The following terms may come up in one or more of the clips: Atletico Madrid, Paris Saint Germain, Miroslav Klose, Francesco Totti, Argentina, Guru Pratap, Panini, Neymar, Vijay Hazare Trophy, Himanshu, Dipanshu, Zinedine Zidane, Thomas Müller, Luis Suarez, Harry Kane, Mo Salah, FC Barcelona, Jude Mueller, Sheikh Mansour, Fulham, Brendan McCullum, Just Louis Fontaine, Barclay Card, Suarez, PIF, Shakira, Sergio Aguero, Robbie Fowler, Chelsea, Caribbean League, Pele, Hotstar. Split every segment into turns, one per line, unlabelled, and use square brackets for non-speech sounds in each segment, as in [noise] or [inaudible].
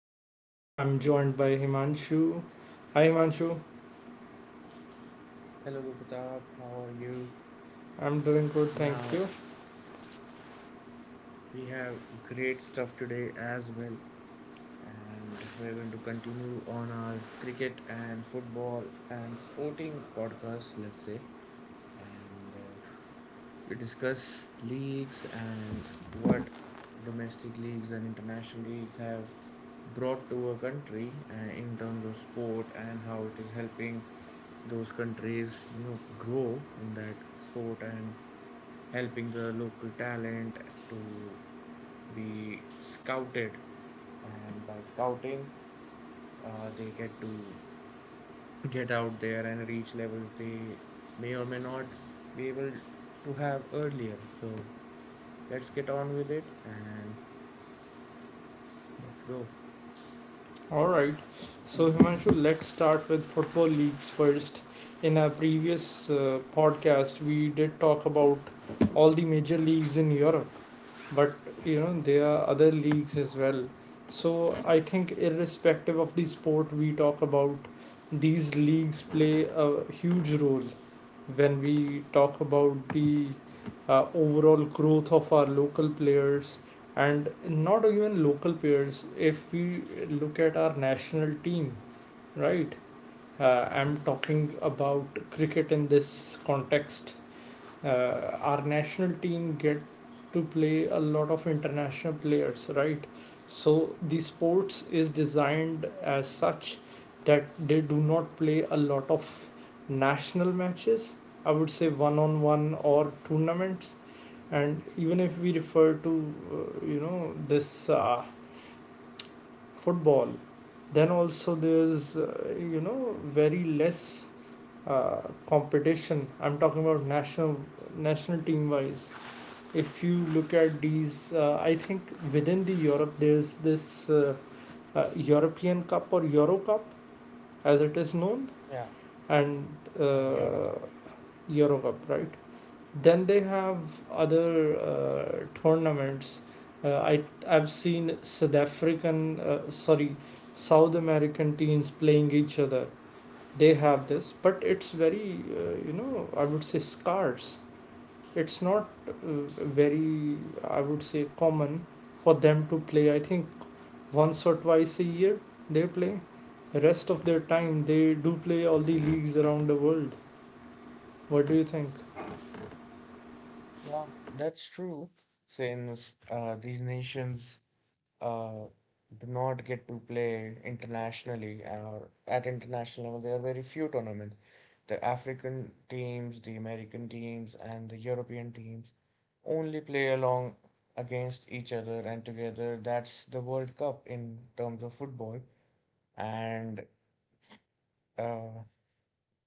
Guru Pratap. I'm joined by Himanshu. Hi Himanshu,
Hello, Pratap. How are you?
I'm doing good, thank
Now,
you.
we have great stuff today as well, and we're going to continue on our cricket and football and sporting podcast, let's say, and we discuss leagues, and what domestic leagues and international leagues have brought to a country, in terms of sport, and how it is helping those countries, grow in that sport and helping the local talent to be scouted. And by scouting, they get to get out there and reach levels they may or may not be able to have earlier. So let's get on with it, and let's go.
Alright, so Himanshu, let's start with football leagues first. In our previous podcast, we did talk about all the major leagues in Europe, but you know, there are other leagues as well. So I think, irrespective of the sport we talk about, these leagues play a huge role when we talk about the overall growth of our local players, and not even local players if we look at our national team, right. I'm talking about cricket in this context. Our national team get to play a lot of international players, right? So the sports is designed as such that they do not play a lot of national matches, I would say one on one or tournaments. And even if we refer to you know, this football, then also there's you know, very less competition. I'm talking about national team wise. If you look at these, I think within the Europe there's this European Cup or Euro Cup as it is known.
Yeah,
And uh,
Europa.
Euro Cup, right. Then they have other tournaments. Uh, i i've seen south african sorry South American teams playing each other. They have this, but it's very, you know, I would say scarce. It's not, very, I would say common, for them to play. I think once or twice a year they play. The rest of their time they do play all the leagues around the world. What do you think?
Yeah, that's true. Since these nations uh, do not get to play internationally or at international level, there are very few tournaments. The African teams, the American teams, and the European teams only play along against each other and together. That's the World Cup in terms of football. And uh,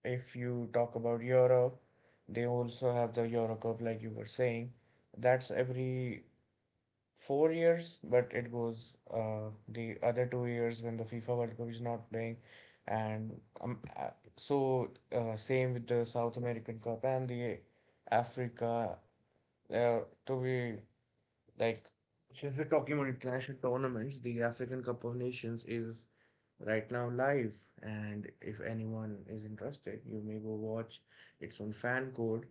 if you talk about Europe, they also have the Euro Cup, like you were saying. That's every 4 years, but it goes the other 2 years when the FIFA World Cup is not playing. And um, uh, so, same with the South American Cup and the Africa. Uh, to be like, since we're talking about international tournaments, the African Cup of Nations is right now live, and if anyone is interested, you may go watch. It's on FanCode,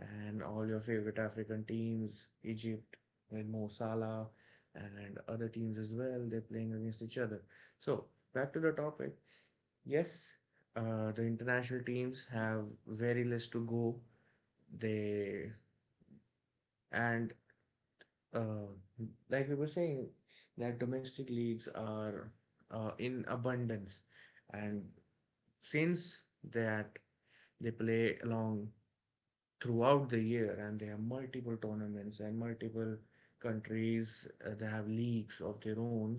and all your favorite African teams, Egypt, with Mo Salah, and other teams as well, they're playing against each other. So, back to the topic. Yes, the international teams have very less to go. They and uh, like we were saying that domestic leagues are in abundance, and since that they play along throughout the year and they have multiple tournaments and multiple countries, they have leagues of their own.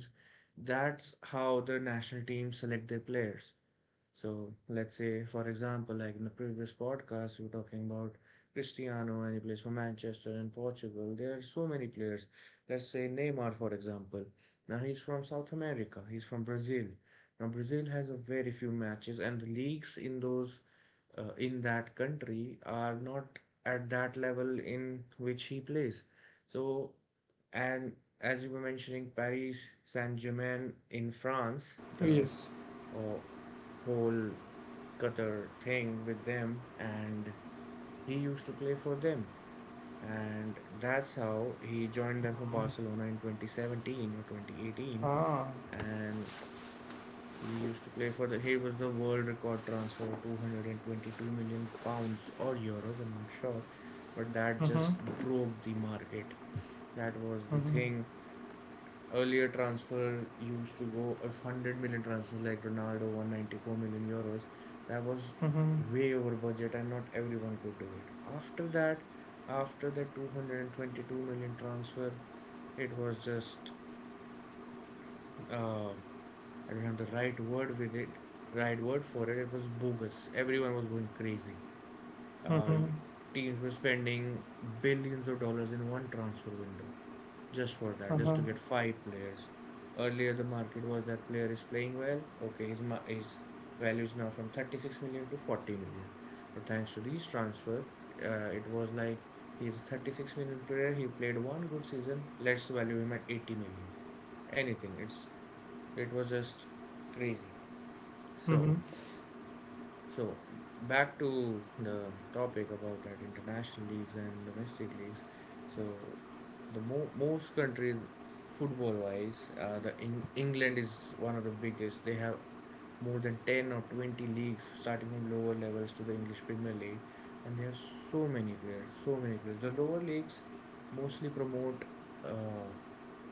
That's how the national teams select their players. So let's say, for example, like in the previous podcast, we were talking about Cristiano, and he plays for Manchester and Portugal. There are so many players. Let's say Neymar, for example. Now he's from South America. He's from Brazil. Now Brazil has a very few matches, and the leagues in those, in that country are not at that level in which he plays. So, and as you were mentioning, Paris Saint Germain in France, the
Yes.
uh, whole Qatar thing with them, and he used to play for them. And that's how he joined them for Barcelona in 2017 or 2018.
Ah.
And he used to play he was the world record transfer of £222 million or euros, I'm not sure. But that
Mhm.
just broke the market. That was the
Mhm.
thing. Earlier transfer used to go of 100 million transfer, like Ronaldo €194 million. That was way over budget, and not everyone could do it. After that, after the 222 million transfer, it was just, uh, I don't have the right word with it, right word for it. It was bogus. Everyone was going crazy. Uh, teams were spending billions of dollars in one transfer window, just for that, just
Uh-huh.
to get five players. Earlier, the market was that player is playing well. Okay, his value is now from 36 million to 40 million. But thanks to these transfer, it was like he's a 36 million player. He played one good season. Let's value him at 80 million. Anything. It's it was just crazy. So
Mhm.
so back to the topic about that international leagues and domestic leagues. So the most countries football wise, the England is one of the biggest. They have more than 10 or 20 leagues starting from lower levels to the English Premier League, and they have so many players, so many players. The lower leagues mostly promote uh,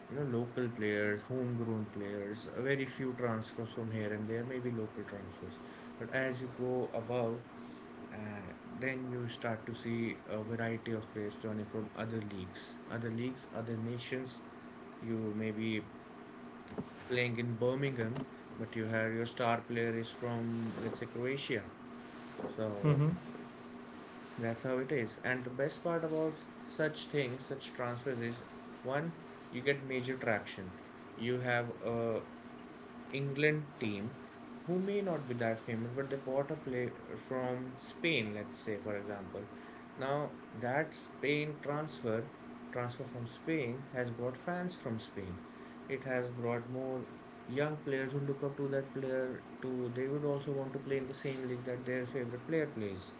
local players, homegrown players, very few transfers from here and there, maybe local transfers. But as you go above, uh, then you start to see a variety of players joining from other leagues, other leagues, other nations. You may be playing in Birmingham, but you have your star player is from, let's say, Croatia. So
Mhm.
that's how it is. And the best part about such things, such transfers, is one, you get major traction. You have a England team who may not be that famous, but they bought a player from Spain, let's say, for example. Now, that transfer from Spain has brought fans from Spain. It has brought more young players who look up to that player to they would also want to play in the same league that their favorite player plays.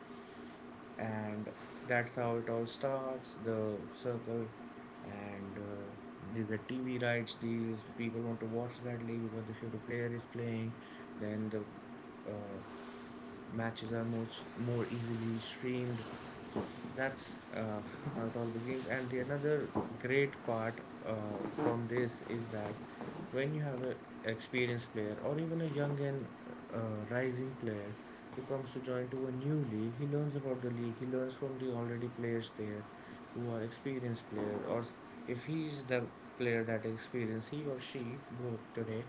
And that's how it all starts, the circle. And you get TV rights deals. People want to watch that league because the favorite player is playing. Then the uh, matches are much more easily streamed. That's how it all begins. And the another great part from this is that when you have an experienced player, or even a young and rising player, who comes to join to a new league, he learns about the league, he learns from the already players there who are experienced player. Or if he is the player that is experienced, he or she both today.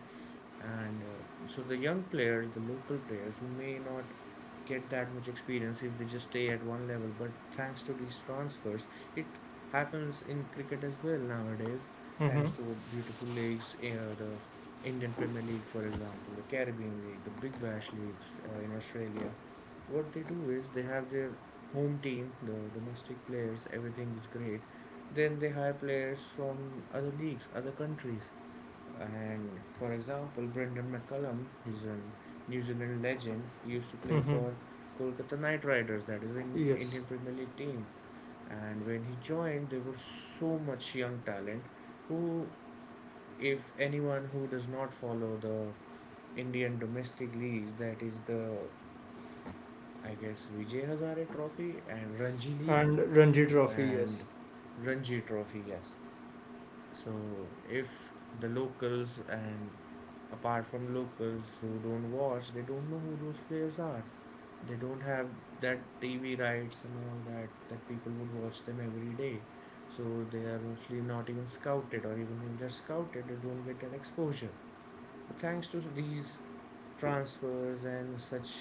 And so the young players, the local players who may not get that much experience if they just stay at one level, but thanks to these transfers, it happens in cricket as well nowadays. Thanks
Mhm.
to beautiful leagues, the Indian Premier League, for example, the Caribbean League, the Big Bash leagues in Australia. What they do is they have their home team, the domestic players, everything is great. Then they hire players from other leagues, other countries. And for example, Brendan McCullum, he's a New Zealand legend. He used to play
Mhm.
for Kolkata Knight Riders, that is the
Yes,
Indian Premier League team. And when he joined, there was so much young talent who, if anyone who does not follow the Indian domestic leagues, that is the, I guess, Vijay Hazare Trophy and Ranji League
and Ranji Trophy. Yes.
and Ranji Trophy, yes. So if the locals, and apart from locals who don't watch, they don't know who those players are. They don't have that TV rights and all that that people would watch them every day. So they are mostly not even scouted, or even if they're scouted, they don't get that exposure. But thanks to these transfers and such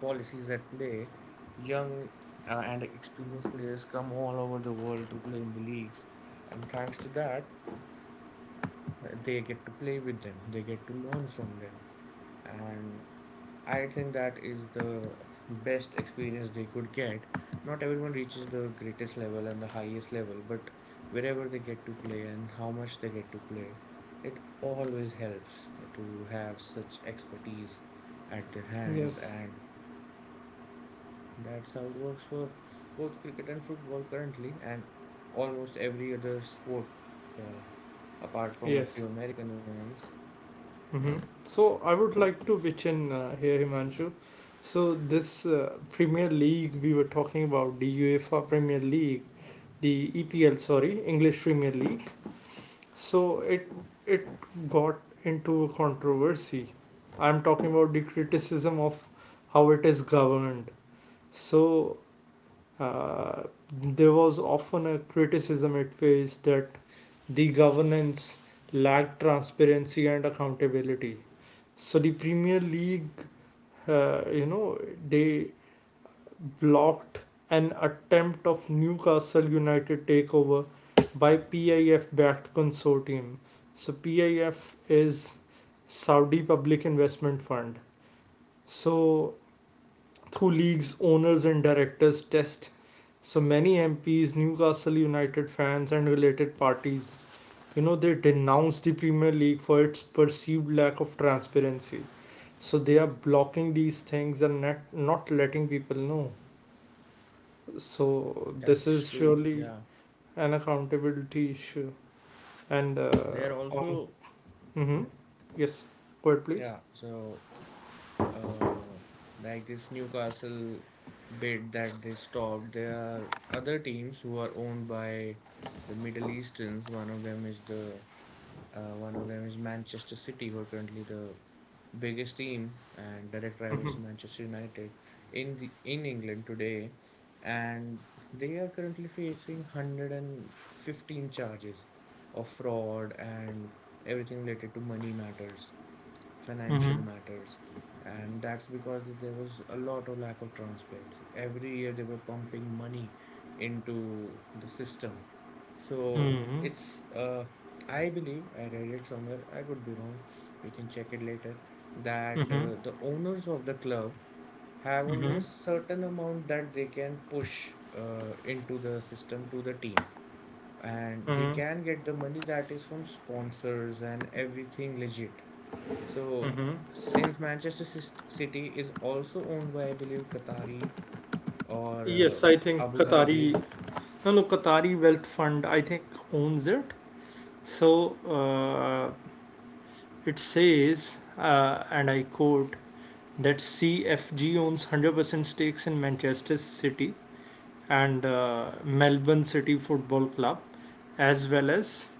policies at play, young and experienced players come all over the world to play in the leagues. And thanks to that, they get to play with them, they get to learn from them. And I think that is the best experience they could get. Not everyone reaches the greatest level and the highest level, but wherever they get to play and how much they get to play, it always helps to have such expertise at their hands.
Yes.
And that's how it works for both cricket and football currently, and almost every other sport, uh, apart from a
Yes.
few American ones. Yeah.
Mm-hmm. So I would like to pitch in here, Himanshu. So this Premier League we were talking about, the UEFA Premier League, the EPL, sorry, English Premier League. So it got into a controversy. I'm talking about the criticism of how it is governed. So uh, there was often a criticism it faced, that the governance lacked transparency and accountability. So the Premier League, you know, they blocked an attempt of Newcastle United takeover by PIF-backed consortium. So PIF is Saudi Public Investment Fund. So through leagues, owners and directors test. So many MPs, Newcastle United fans, and related parties, you know, they denounced the Premier League for its perceived lack of transparency. So they are blocking these things and not letting people know. So this
That's
is
true.
surely
Yeah.
an accountability issue. And
They're
on.
also, yeah.
Mm-hmm. Yes, go ahead
Yeah,
please.
so, uh, like this Newcastle bid that they stopped, there are other teams who are owned by the Middle Easterns. One of them is Manchester City, who are currently the biggest team and direct rivals
Mm-hmm.
to Manchester United in England today, and they are currently facing 115 charges of fraud and everything related to money matters, financial
Mm-hmm.
matters. And that's because there was a lot of lack of transparency. Every year they were pumping money into the system. So
Mm-hmm.
it's, I believe I read it somewhere, I could be wrong, we can check it later, that
Mm-hmm.
the owners of the club have only
Mm-hmm.
a certain amount that they can push into the system to the team, and they
Mm-hmm.
can get the money that is from sponsors and everything legit. So,
Mm-hmm.
since Manchester City is also owned by, I believe, Qatari or
Yes, I think
Abu
Qatari.
Dhabi,
No, no, Qatari wealth fund, I think, owns it. So uh, it says, and I quote, that CFG owns 100% stakes in Manchester City and Melbourne City Football Club, as well as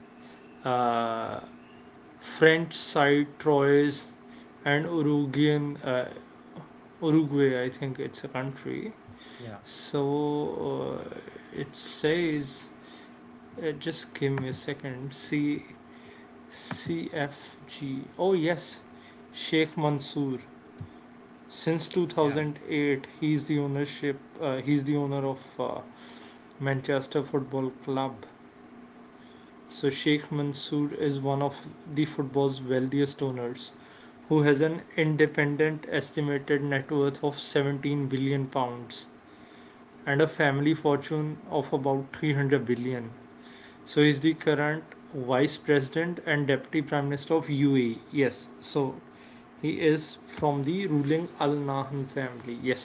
uh, French side Troyes and Uruguayan, Uruguay. I think it's a country.
yeah,
So it says. Just give me a second. C CFG. Oh yes, Sheikh Mansour. Since
yeah,
2008, he's the ownership. He's the owner of Manchester Football Club. So Sheikh Mansour is one of the football's wealthiest owners, who has an independent estimated net worth of £17 billion and a family fortune of about 300 billion. So he's the current vice president and deputy prime minister of UAE. Yes, so he is from the ruling Al Nahyan family. Yes.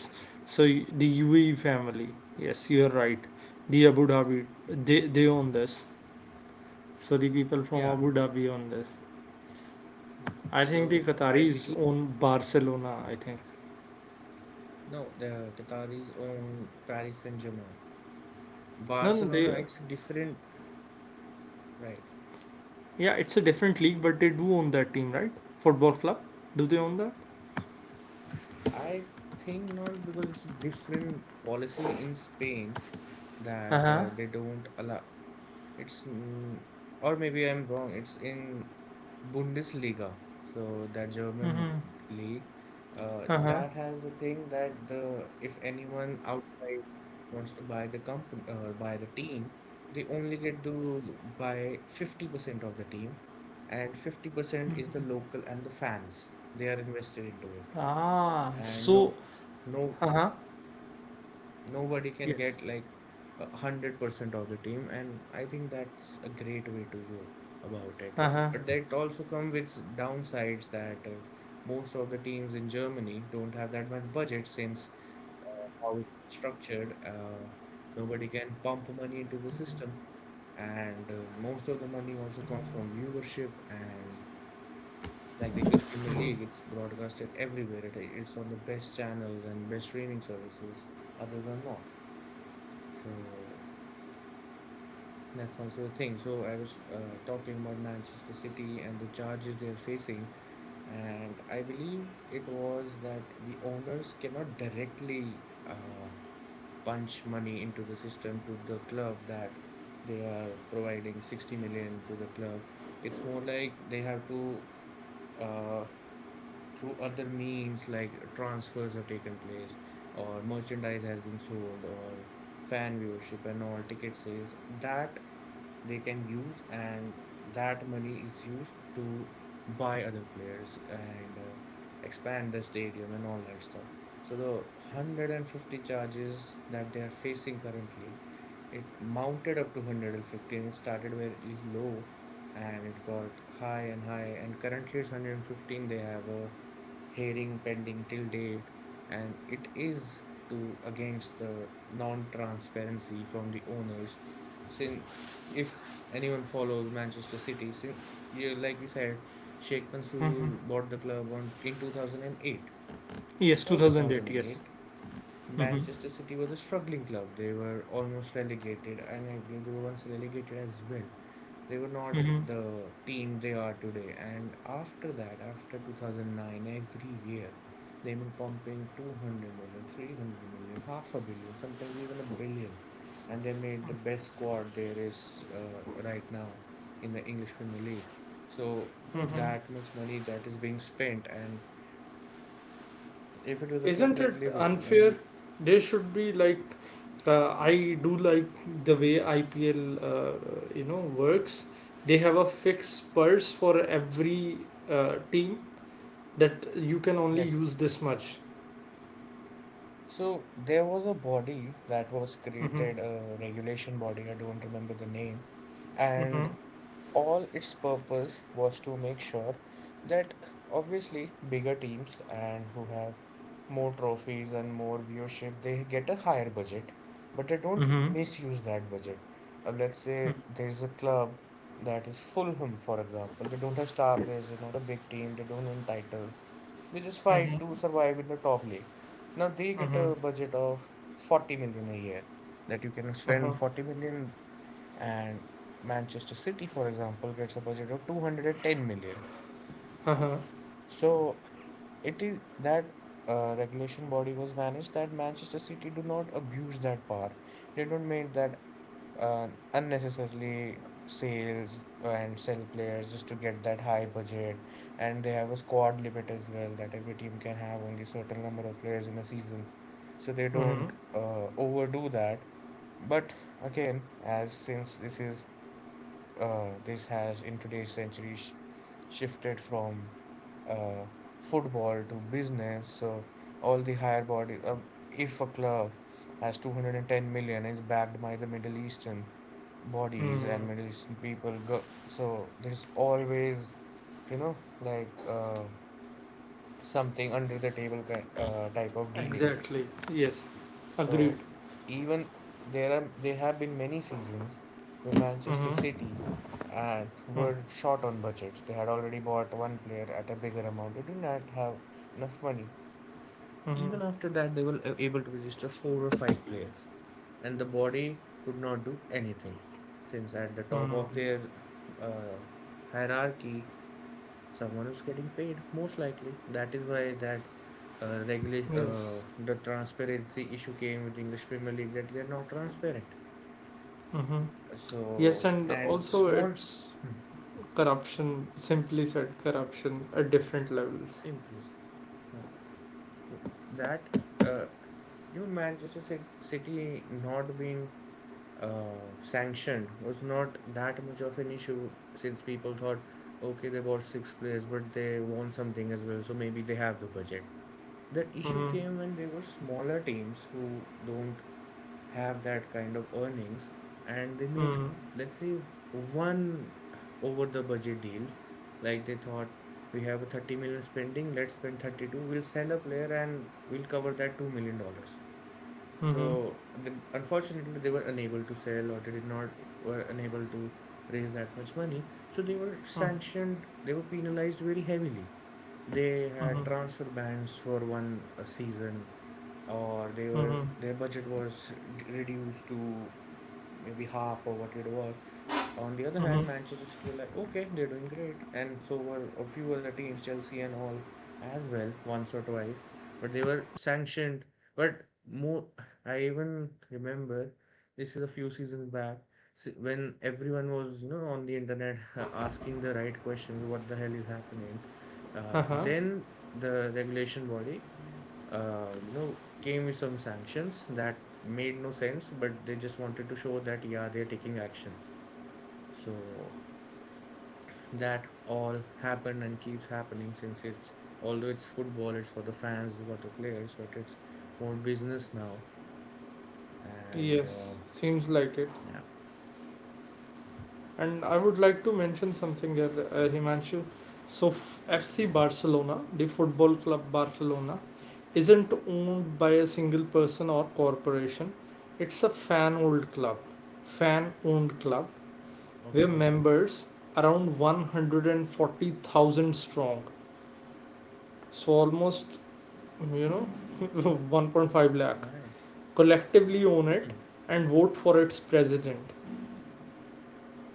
So the UAE family. Yes, you are right. The Abu Dhabi, they own this. So the people from
yeah.
Abu Dhabi own this. I think the
So, I believe,
Qataris own Barcelona, I think.
no, the Qataris own Paris Saint-Germain.
No, no,
Barcelona,
they.
it's a different, right?
Yeah, it's a different league, but they do own that team, right? Football club. Do they own that?
I think not, because it's a different policy in Spain,
Uh
that
huh.
they don't allow. It's mm, or maybe I'm wrong. It's in Bundesliga, so that German
Mm-hmm.
league. Uh,
Uh huh.
that has a thing that the if anyone outside wants to buy the company, buy the team, they only get to buy 50% of the team, and 50% is the local and the fans. They are invested into it,
Ah,
and
so.
no, no,
Uh huh.
nobody can
Yes.
get like 100% of the team, and I think that's a great way to go about it.
Uh huh.
But that also comes with downsides that most of the teams in Germany don't have that much budget, since how it's structured. Nobody can pump money into the system, and most of the money also comes from viewership. And. Like the English Premier League, it's broadcasted everywhere. It's on the best channels and best streaming services. Others are not. So that's also a thing. So I was talking about Manchester City and the charges they are facing, and I believe it was that the owners cannot directly punch money into the system to the club, that they are providing 60 million to the club. It's more like they have to uh, through other means like transfers have taken place, or merchandise has been sold, or fan viewership and all ticket sales that they can use, and that money is used to buy other players and expand the stadium and all that stuff. So the 150 charges that they are facing currently, it mounted up to 115. It started very low, and it got high and high, and currently it's 115. They have a hearing pending till date, and it is to against the non-transparency from the owners, since if anyone follows Manchester City, since you like we said, Sheikh
Mm-hmm.
Mansour bought the club on in 2008.
Yes,
Before
2008. Yes.
2008,
Mhm.
Manchester City was a struggling club. They were almost relegated, and I believe they were once relegated as well. They were not
Mhm.
the team they are today. And after that, after 2009, every year they've been pumping 200 million, 300 million, half a billion, sometimes even a billion. And they made the best squad there is right now in the English Premier League. So,
Mhm.
that much money that is being spent. And if it was a club
Isn't
like
it
Liverpool, I
unfair? They should be like, I do like the way IPL, you know, works. They have a fixed purse for every team, that you can only
yes.
use this much.
So there was a body that was
Mm-hmm.
created, a regulation body, I don't remember the name, and
Mm-hmm.
all its purpose was to make sure that obviously bigger teams and who have more trophies and more viewership, they get a higher budget, but they don't
Mm-hmm.
misuse that budget. Let's say there's a club that is Fulham, for example. They don't have star players, they're not a big team, they don't win titles, they just fight to survive in the top league. Now they get a
Mm-hmm.
budget of 40 million a year, that you can
Uh-huh.
spend 40 million, and Manchester City, for example, gets a budget of 210 million.
Uh-huh.
So it is that regulation body was managed that Manchester City do not abuse that power. They don't make that unnecessarily sales and sell players just to get that high budget. And they have a squad limit as well, that every team can have only certain number of players in a season. So they
Mm-hmm.
don't overdo that. But again, as since this is this has in today's century shifted from uh, football to business. So all the higher bodies, if a club has 210 million, is backed by the Middle Eastern bodies
Mm.
and Middle Eastern people. So there's always, like something under the table type of dealing.
Exactly. Yes. Agreed.
So even there have been many seasons where Manchester
Mm-hmm.
City and
Mm-hmm.
were short on budgets. They had already bought one player at a bigger amount. They did not have enough money.
Mm-hmm.
Even after that, they were able to register four or five players, and the body could not do anything, since at the top of
Mm-hmm.
their uh, hierarchy, someone is getting paid most likely. That is why that regulation
Yes.
the transparency issue came with English Premier League, that they are not transparent.
Mm-hmm. Yes,
So
and
and
also
small.
it's
Hmm,
corruption, simply said, corruption at different levels.
simplest, yeah. Mm, that uh, Manchester City not being sanctioned was not that much of an issue, since people thought, okay, they bought six players but they want something as well, so maybe they have the budget. The issue
Mm-hmm.
came when there were smaller teams who don't have that kind of earnings, and they made,
Mm-hmm.
let's say, one over the budget deal. Like they thought, we have a 30 million spending, let's spend 32, we'll sell a player and we'll cover that 2 million dollars.
Mm-hmm.
So the, unfortunately, they were unable to sell, or they did not were unable to raise that much money. So they were sanctioned, they were penalized very heavily. They had
Mm-hmm.
transfer bans for one season, or they were
Mm-hmm.
their budget was reduced to maybe half or what it was. On the other hand,
Mm-hmm.
Manchester City were like, okay, they're doing great, and so were a few other teams, Chelsea and all, as well, once or twice. But they were sanctioned. But more, I even remember, this is a few seasons back, when everyone was on the internet [laughs] asking the right questions, what the hell is happening?
Haha.
Then the regulation body, came with some sanctions that made no sense, but they just wanted to show that, yeah, they're taking action. So that all happened and keeps happening, since it's, although it's football, it's for the fans, for the players, but it's more business now. And
Yes, seems like it.
yeah,
And I would like to mention something here, Himanshu. So, FC
yeah,
Barcelona, the football club Barcelona, isn't owned by a single person or corporation. It's a fan owned club, where
okay,
members around 140,000 strong. So almost, you know, [laughs] 1.5 lakh
all right.
collectively own it
Hmm.
and vote for its president.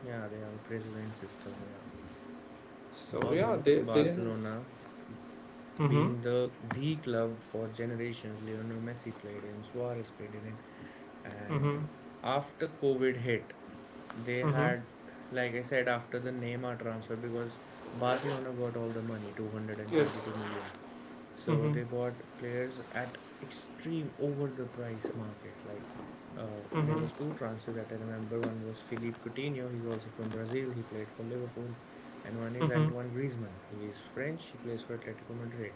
Yeah, they have a president system, yeah.
So yeah,
Although
they.
Barcelona,
Mm-hmm.
being the club for generations, Lionel Messi played in, Suarez played in. And
Mm-hmm.
after COVID hit, they
Mm-hmm.
had, like I said, after the Neymar transfer, because Barcelona got all the money,
Yes.
222 million. So
Mm-hmm.
they bought players at extreme over the price market. Like there
Mm-hmm.
was two transfers that I remember. One was Philippe Coutinho. He's also from Brazil. He played for Liverpool, and one is
Mm-hmm.
Antoine Griezmann. He is French. He plays for Atletico Madrid.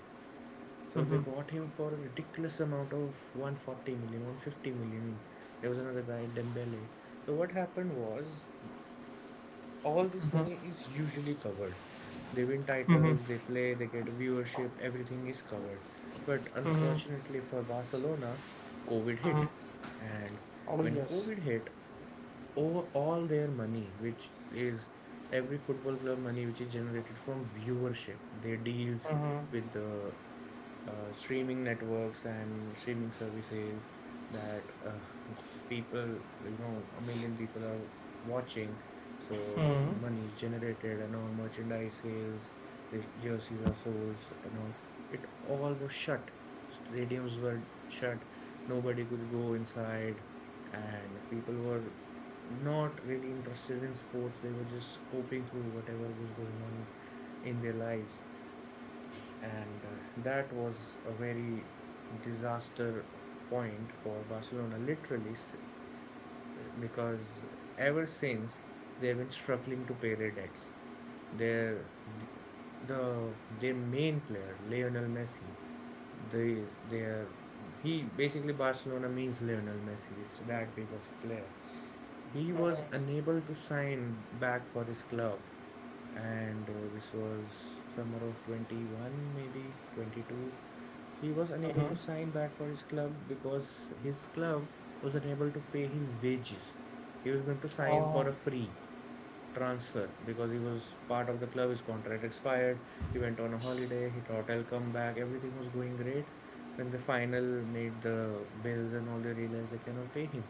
So they
Mm-hmm.
bought him for a ridiculous amount of 140 million, 150 million. There was another guy, Dembele. So what happened was, all this money is usually covered. They win titles, they play, they get viewership, everything is covered. But
Mm-hmm.
unfortunately for Barcelona, COVID hit.
Mm-hmm.
And
Oh
when
yes.
COVID hit, over all their money, which is every football club money, which is generated from viewership, their deals with the streaming networks and streaming services, that [laughs] people, a million people are watching. So
Mm-hmm.
money is generated and all merchandise sales, the jerseys are sold and all. It all was shut. Stadiums were shut. Nobody could go inside, and people were not really interested in sports. They were just coping through whatever was going on in their lives, and that was a very disaster point for Barcelona, literally, because ever since they've been struggling to pay their debts. Their th- the their main player Lionel Messi, they their he basically Barcelona means Lionel Messi. It's that big of a player. He was unable to sign back for his club, and this was summer of 21, maybe 22, he was unable
Mm-hmm.
to sign back for his club because his club was unable to pay his wages. He was going to sign
Ah
for a free transfer because he was part of the club, his contract expired. He went on a holiday, he thought I'll come back, everything was going great. When the final made the bills and all, they realized they cannot pay him.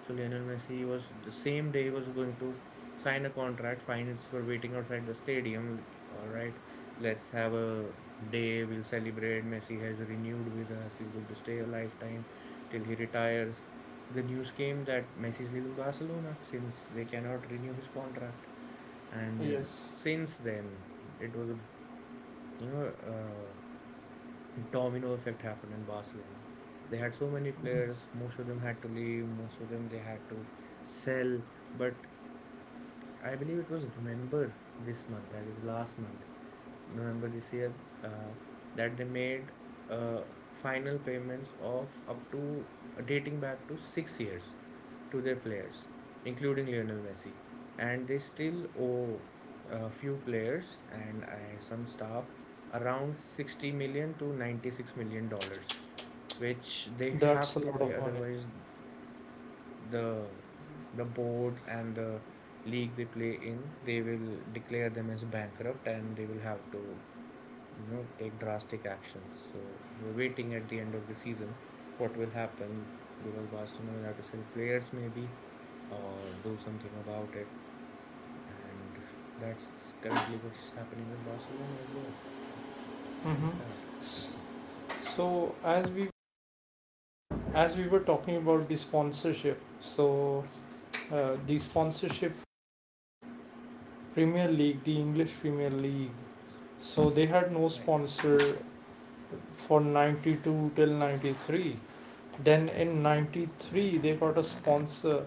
So Lionel Messi was the same day he was going to sign a contract. Fines for waiting outside the stadium. Like, all right, let's have a day. We'll celebrate. Messi has renewed with us. He's going to stay a lifetime till he retires. The news came that Messi is leaving Barcelona since they cannot renew his contract. And
yes.
since then, it was a you know uh, domino effect happened in Barcelona. They had so many players, most of them had to leave, most of them they had to sell. But I believe it was November this month, that is last month, November this year, uh, that they made uh, final payments of up to, dating back to 6 years, to their players, including Lionel Messi. And they still owe a few players and some staff around 60 million to 96 million dollars, which they
That's
have
a
to
lot
pay,
of money.
otherwise the boards and the league they play in, they will declare them as bankrupt and they will have to, take drastic actions. So we're waiting at the end of the season what will happen, because Barcelona will have to sell players, maybe, or do something about it. And that's currently what's happening with Barcelona as well.
Mm-hmm.
There's that.
S- So as we were talking about the sponsorship, so the sponsorship Premier League, the English Premier League, so they had no
Right,
sponsor for 92 till 93. Then in 93 they got a sponsor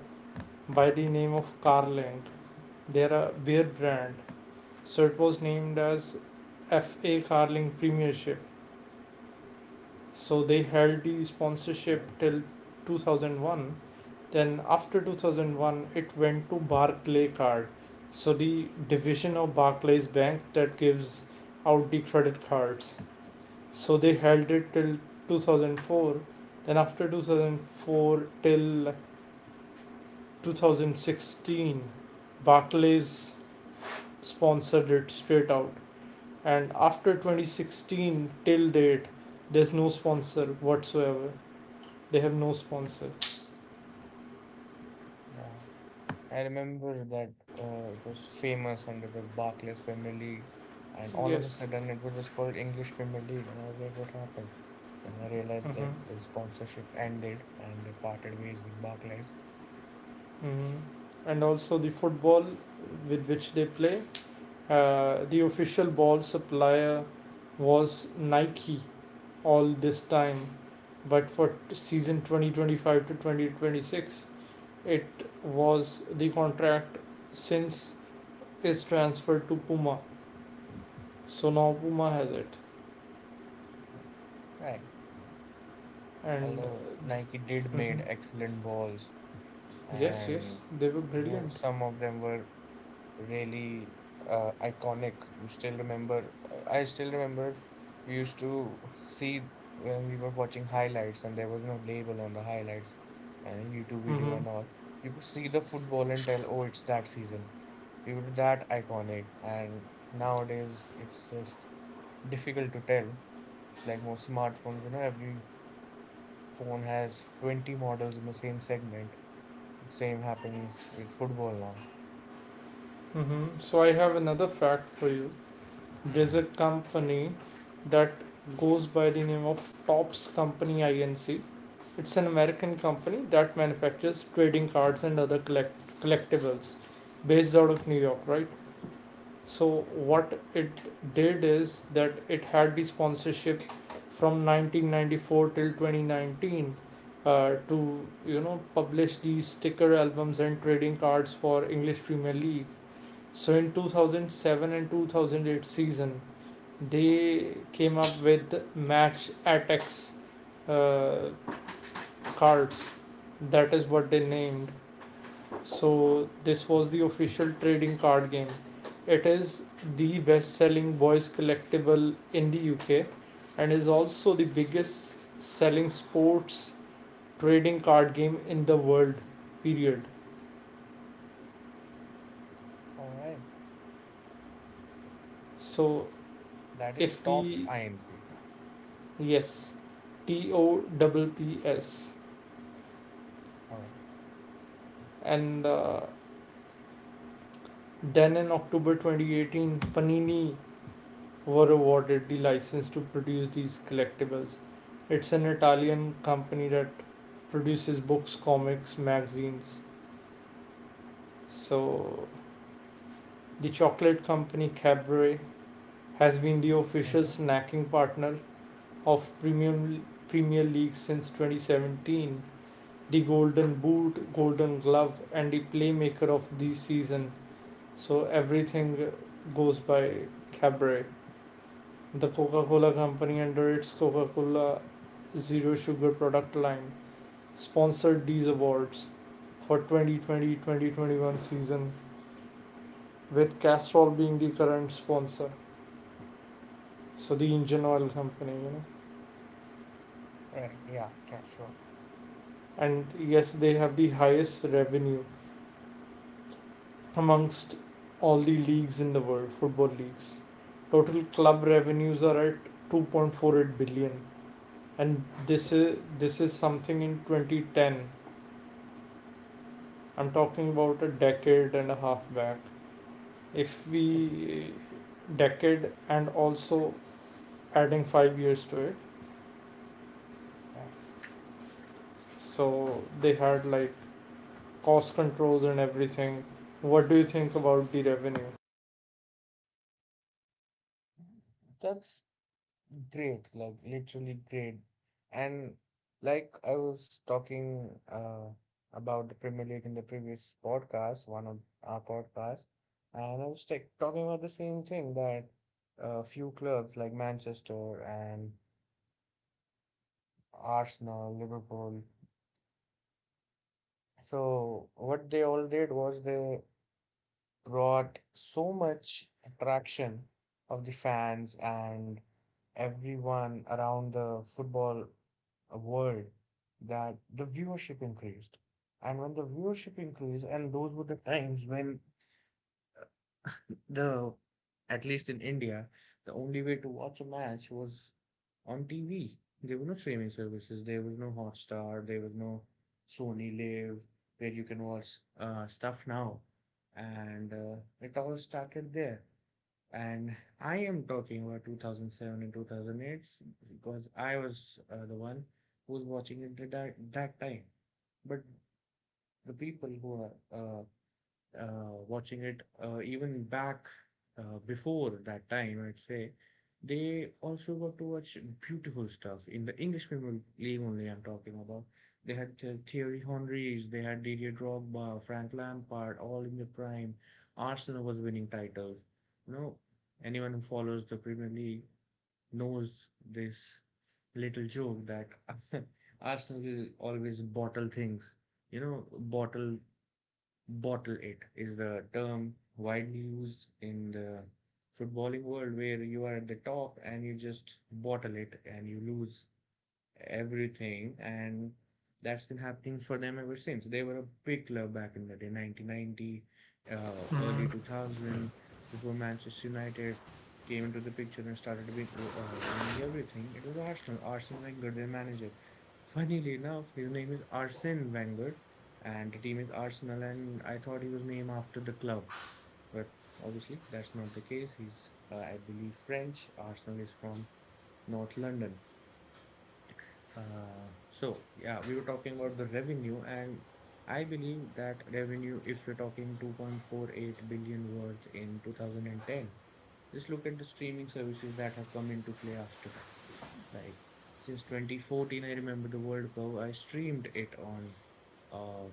by the name of Carling. They're a beer brand. So it was named as FA Carling Premiership. So they held the sponsorship
right.
till 2001. Then after 2001 it went to Barclay Card. So the division of Barclays Bank that gives out the credit cards. So they held it till 2004. Then after 2004 till 2016, Barclays sponsored it straight out. And after 2016 till date, there's no sponsor whatsoever. They have no sponsor.
Yeah, I remember that, it was famous under the Barclays Premier League, and all of a
Yes.
sudden it was just called English Premier League, and I was like, what happened? Then I realized
Mm-hmm.
that the sponsorship ended and they parted ways with Barclays.
Mm-hmm. And also the football with which they play, the official ball supplier was Nike all this time, but for season 2025 to 2026 it was the contract, since is transferred to Puma. So now Puma has it.
Right.
And
Although Nike did made
mhm.
excellent balls,
Yes, yes,
and
they were brilliant.
some of them were really iconic. You still remember, I still remember we used to see, when we were watching highlights and there was no label on the highlights and YouTube video
Hmm.
and all. You could see the football and tell, oh, it's that season. We were that iconic. And nowadays, it's just difficult to tell. Like most smartphones, you know, every phone has 20 models in the same segment. Same happens with football now.
Hmm. So I have another fact for you. There's a company that goes by the name of Tops Company Inc. It's an American company that manufactures trading cards and other collectibles, based out of New York, right? So,
Right.
what it did is that it had the sponsorship from 1994 till 2019, to, you know, publish these sticker albums and trading cards for English Premier League. So in 2007 and 2008 season, they came up with match attacks uh, cards, that is what they named. So this was the official trading card game. It is the best selling boys collectible in the UK, and is also the biggest selling sports trading card game in the world, period.
All right.
So
That is
if
tops
we
INC.
Yes, T O double P S.
All right.
And then, in October 2018, Panini were awarded the license to produce these collectibles. It's an Italian company that produces books, comics, magazines. So, the chocolate company Cadbury has been the official
Mhm.
snacking partner of Premier League since 2017, the Golden Boot, Golden Glove, and the Playmaker of the season. So everything goes by Cadbury. The Coca Cola Company, under its Coca Cola Zero Sugar product line, sponsored these awards for 2020 2021 season, with Castrol being the current sponsor. So, the engine oil company, you know.
Right. Yeah. Okay. Sure.
And yes, they have the highest revenue amongst all the leagues in the world, football leagues. Total club revenues are at 2.48 billion, and this is something in 2010. I'm talking about a decade and a half back. If we decade and also adding 5 years to it.
Yeah.
So they had like cost controls and everything. What do you think about the revenue?
That's great. Like literally great. And like I was talking about the Premier League in the previous podcast, one of our podcasts, and I was like talking about the same thing that a few clubs like Manchester and Arsenal, Liverpool. So what they all did was they brought so much attraction of the fans and everyone around the football world that the viewership increased. And when the viewership increased, and those were the times when the at least in India, the only way to watch a match was on TV. There were no streaming services. There was no Hotstar. There was no Sony Live where you can watch stuff now, and it all started there. And I am talking about 2007 and 2008 because I was the one who was watching it at that time. But the people who are uh, watching it even back before that time, I'd say, they also got to watch beautiful stuff in the English Premier League only. I'm talking about. They had Thierry Henrys, they had Didier Drogba, Frank Lampard, all in the prime. Arsenal was winning titles. You know, anyone who follows the Premier League knows this little joke that [laughs] Arsenal will always bottle things. You know, bottle Bottle it is the term widely used in the footballing world where you are at the top and you just bottle it and you lose everything, and that's been happening for them ever since they were a big club back in the day, 1990, early
Mm-hmm.
2000, before Manchester United came into the picture and started winning everything. It was Arsenal. Arsene Wenger, their manager. Funnily enough, his name is Arsene Wenger and the team is Arsenal, and I thought he was named after the club, but obviously that's not the case. He's I believe French. Arsenal is from north London. So yeah, we were talking about the revenue, and I believe that revenue, if you're talking 2.48 billion worth in 2010, just look at the streaming services that have come into play after that. Like, since 2014, I remember the World Cup, I streamed it on uh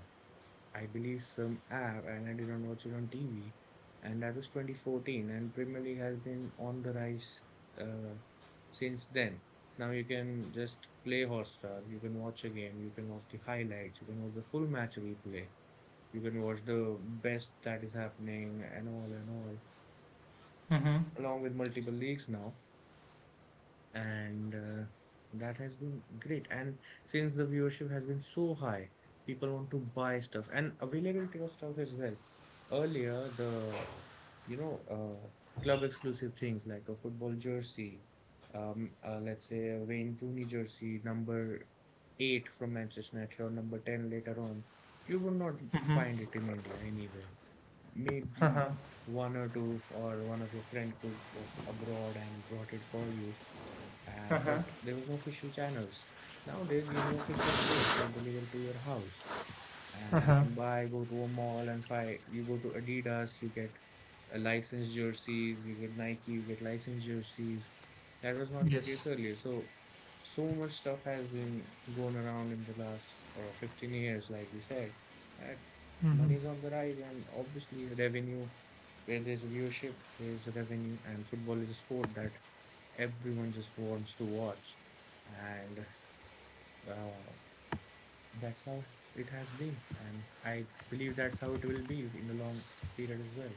I believe, some app, and I did not watch it on TV. And that was 2014, and Premier League has been on the rise uh, since then. Now you can just play Hotstar, you can watch a game, you can watch the highlights, you can watch the full match replay, you can watch the best that is happening, and all, along with multiple leagues now, and that has been great. And since the viewership has been so high, people want to buy stuff, and availability of stuff as well. Earlier, the you know uh, club exclusive things like a football jersey, let's say a Wayne Rooney jersey number 8 from Manchester United, or number 10 later on, you will not find
Mm-hmm.
it in India anywhere. Maybe
Uh-huh.
one or two, or one of your friend could was abroad and brought it for you.
Uh-huh.
But there was no official channels. Nowadays, you have official stores. They deliver to your house, and you
Uh-huh.
can buy, go to a mall and buy. You go to Adidas, you get licensed jerseys, you get Nike, you get licensed jerseys. That was not the case
Yes.
earlier. So, so much stuff has been going around in the last 15 years, like you said, that money is on the rise, and obviously, revenue. Where there's viewership, there's revenue, and football is a sport that everyone just wants to watch. And uh, that's how it has been, and I believe that's how it will be in the long period as well.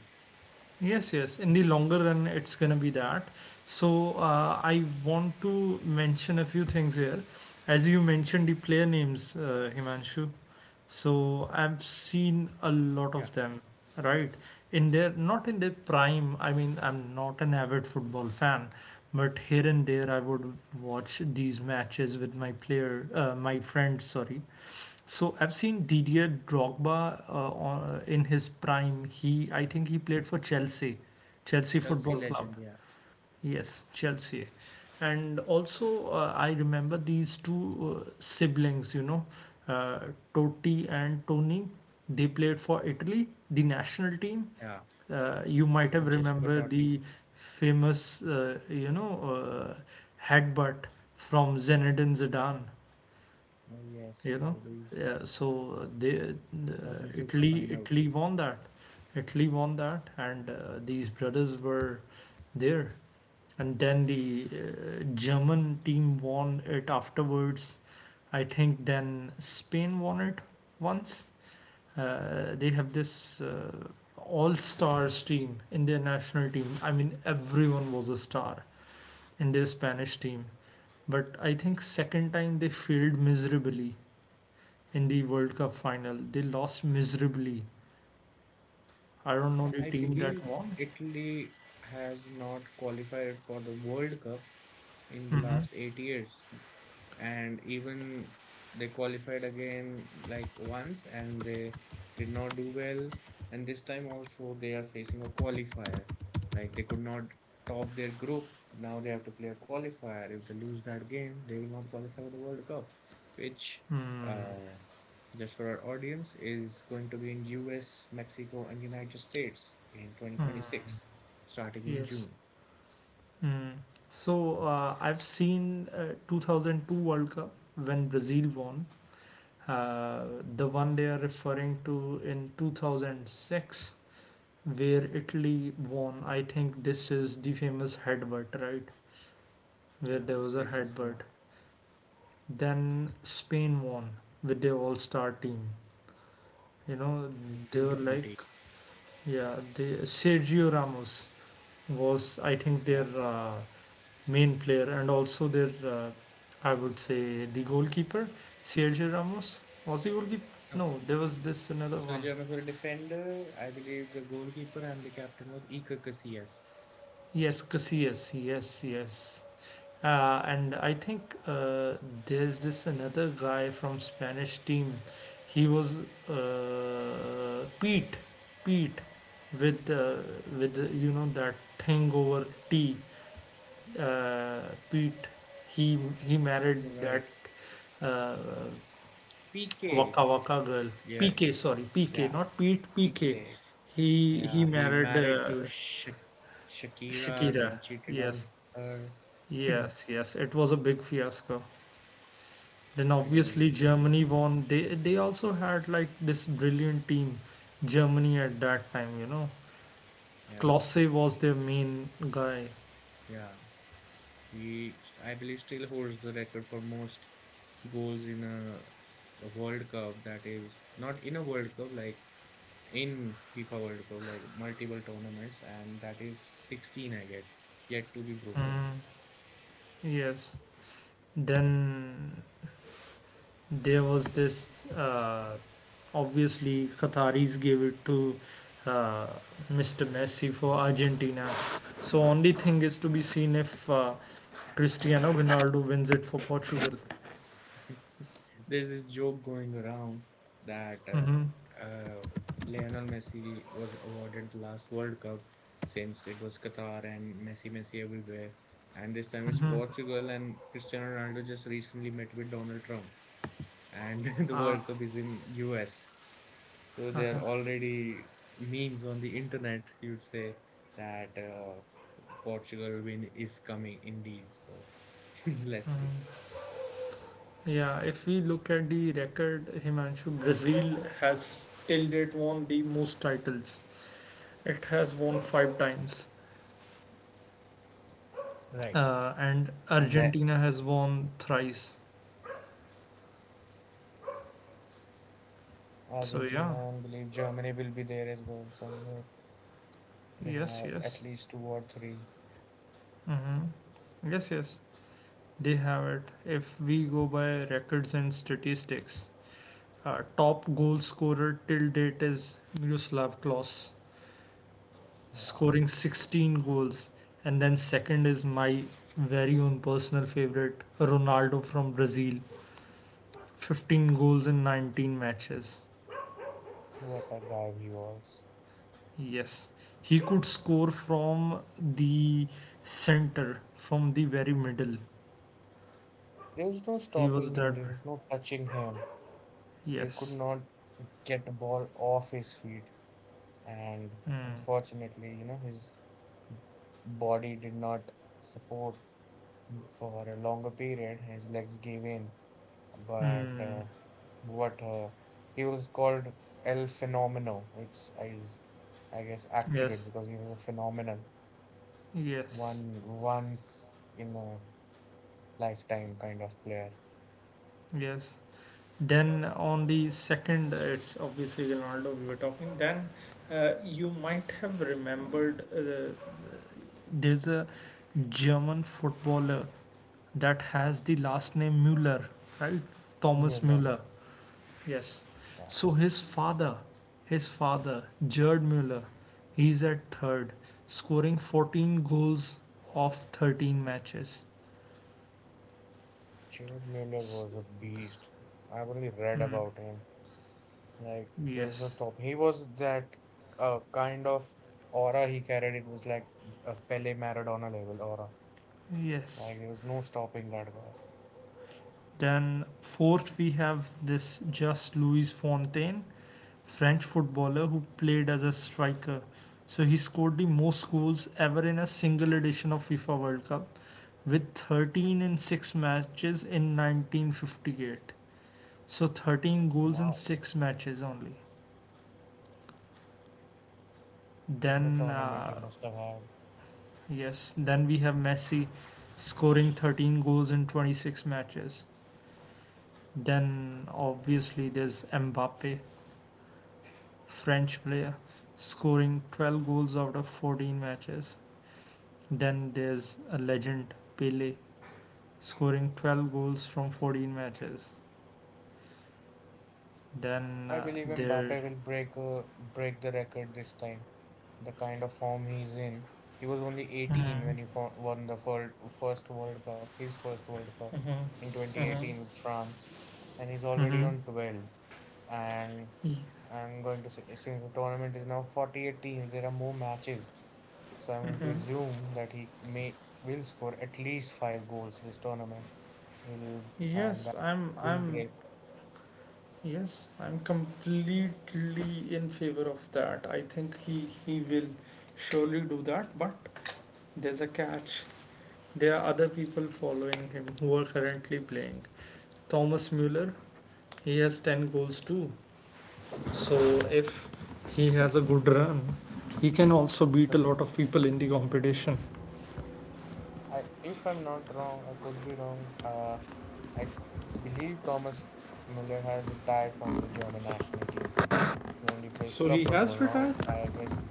Yes, yes. In the longer run, it's going to be that. So, I want to mention a few things here. As you mentioned the player names, Himanshu, so I've seen a lot
Yeah,
of them, right? In their not in their prime. I mean, I'm not an avid football fan, but here and there I would watch these matches with my my friends. Sorry. So I've seen Didier Drogba, in his prime. He, I think, he played for Chelsea, Chelsea
Chelsea
Football Club.
legend. Yeah,
Yes, Chelsea. And also, I remember these two siblings, you know, uh, Totti and Tony. They played for Italy, the national team.
yeah,
You might have
Francesco
remember
Totti.
the famous, you know, headbutt from Zinedine Zidane,
Oh yes,
you
I
know.
agree.
Yeah, so
2006
Italy,
final.
Italy won that. Italy won that, and these brothers were there. And then the German team won it afterwards. I think then Spain won it once. They have this all
Yeah,
stars team in their national team. I mean, everyone was a star in their Spanish team. But I think second time they failed miserably in the World Cup final. They lost miserably. I don't know
yeah.
the
I
team
believe
that won.
Italy has not qualified for the World Cup in the
Mm-hmm.
last 8 years, and even they qualified again like once, and they did not do well, and this time also they are facing a qualifier. Like they could not top their group. Now they have to play a qualifier. If they lose that game, they will not qualify for the World Cup, which
Hmm.
uh, just for our audience, is going to be in US, Mexico, and United States in
Hmm.
2026, starting in
Yes.
June.
Mm. So I've seen 2002 World Cup when Brazil won. Uh, the one they are referring to in 2006, where Italy won. I think this is the famous headbutt, right? Where
Yeah,
there was a
this is the
headbutt.
one.
Then Spain won with their all-star team. You know,
With
they were
beautiful
like,
team.
yeah, they, Sergio Ramos was, I think, their
Yeah.
main player, and also their, I would say, the goalkeeper, Sergio Ramos. Was he goalkeeper?
Oh,
No, there was this another
so
one.
Germans were a defender. I believe the goalkeeper and the captain was Iker Casillas.
Yes, Casillas. Yes, yes. And I think there's this another guy from Spanish team. He was Pete, Pete, with uh, with you know that thing over T. Uh, Pete. He he married that
Right.
uh,
PK.
Waka Waka girl.
Yeah.
PK, sorry, PK,
Yeah,
not Pete, PK.
PK.
He
Yeah, he
married
married to Sh Shakira, then
Shakira.
cheated
Yes,
on her. [laughs] It
yes, yes. It was a big fiasco. Then
was a
obviously
bit, yeah.
Germany won. They also had like this brilliant team, Germany at that time. You know,
Yeah,
Klose was their main guy.
yeah. I believe, still holds the record for most goals in a World Cup. That is not in a World Cup, like in FIFA World Cup, like multiple tournaments, and that is 16, I guess, yet to be broken.
Mm, yes. Then there was this uh, obviously qataris gave it to uh, mr messi for
Yeah.
argentina so only thing is to be seen if cristiano ronaldo wins it for portugal
There's this joke going around that
hmm.
Lionel Messi was awarded the last World Cup since it was Qatar and Messi, Messi everywhere. And this time it's Portugal, and Cristiano Ronaldo just recently met with Donald Trump, and [laughs] the
Uh,
World Cup is in US. So there are already memes on the internet, you'd say, that Portugal win is coming indeed. So [laughs] let's see.
yeah, if we look at the record himanshu brazil has till date won the most titles, it has won five times
Right.
and
And then
argentina has won thrice. So yeah,
Argentina, and believe Germany will be there as well somewhere. They
yes,
have at
yes.
least two or three.
Mm-hmm. Yes, yes, they have it. If we go by records and statistics, top goal scorer till date is Miroslav Klose,
Yeah,
scoring 16 goals, and then second is my very own personal favorite, Ronaldo from Brazil, 15 goals in 19 matches.
what a guy he was.
Yes, he could score from the center, from the very middle.
There was no
He was
stopping him,
that.
there was no touching him. You could
Yes.
not get the ball off his feet. And
Mm.
unfortunately, you know, his body did not support for a longer period. His legs gave in, but
Mm.
what he was called El Fenomeno. It's is I guess accurate
Yes,
because he was a phenomenal
yes,
one once in a lifetime kind of player.
yes. Then on the second, it's obviously Ronaldo we were talking. Then you might have remembered there's a German footballer that has the last name Müller, right? Thomas
Mueller,
Müller. Yes.
yeah,
So his father, Gerd Müller, he's at third, scoring 14 goals of 13 matches.
Jude Mueller
S-
was a beast. I've only read
mm,
about him. Like there was no
yes,
stop. He was that kind of aura he carried. It was like a Pele Maradona level aura.
yes.
Like there was no stopping that guy.
Then fourth, we have this just Louis Fontaine, French footballer who played as a striker. So he scored the most goals ever in a single edition of FIFA World Cup with 13 in 6 matches in 1958. So 13 goals in
Wow.
6 matches only.
What a
Then,
tournament he must have had.
yes, then we have Messi scoring 13 goals in 26 matches. Then, obviously, there's Mbappe, French player, scoring 12 goals out of 14 matches. Then there's a legend, Pele, scoring 12 goals from 14 matches. Then
I believe
there.
Mbappe will break the record this time. The kind of form he's in. He was only 18 when he won the first World Cup, his first World Cup in 2018 with France, and he's already
Mhm.
on 12. And
Y-
I'm going to say, since the tournament is now 48 teams, there are more matches. So I'm going to assume that he may will score at least 5 goals this tournament. Will and
Yes,
that
I'm.
will
I'm.
break.
Yes, I'm completely in favor of that. I think he will surely do that, but there's a catch. There are other people following him who are currently playing. Thomas Muller, he has 10 goals too. So
Yeah,
if he has a good run, he can also beat
but
a lot of people in the competition.
I, if I'm not wrong, I could be wrong. I believe Thomas Müller has retired from the German national team. He only plays
So
club
he
football
has retired.
now. I guess.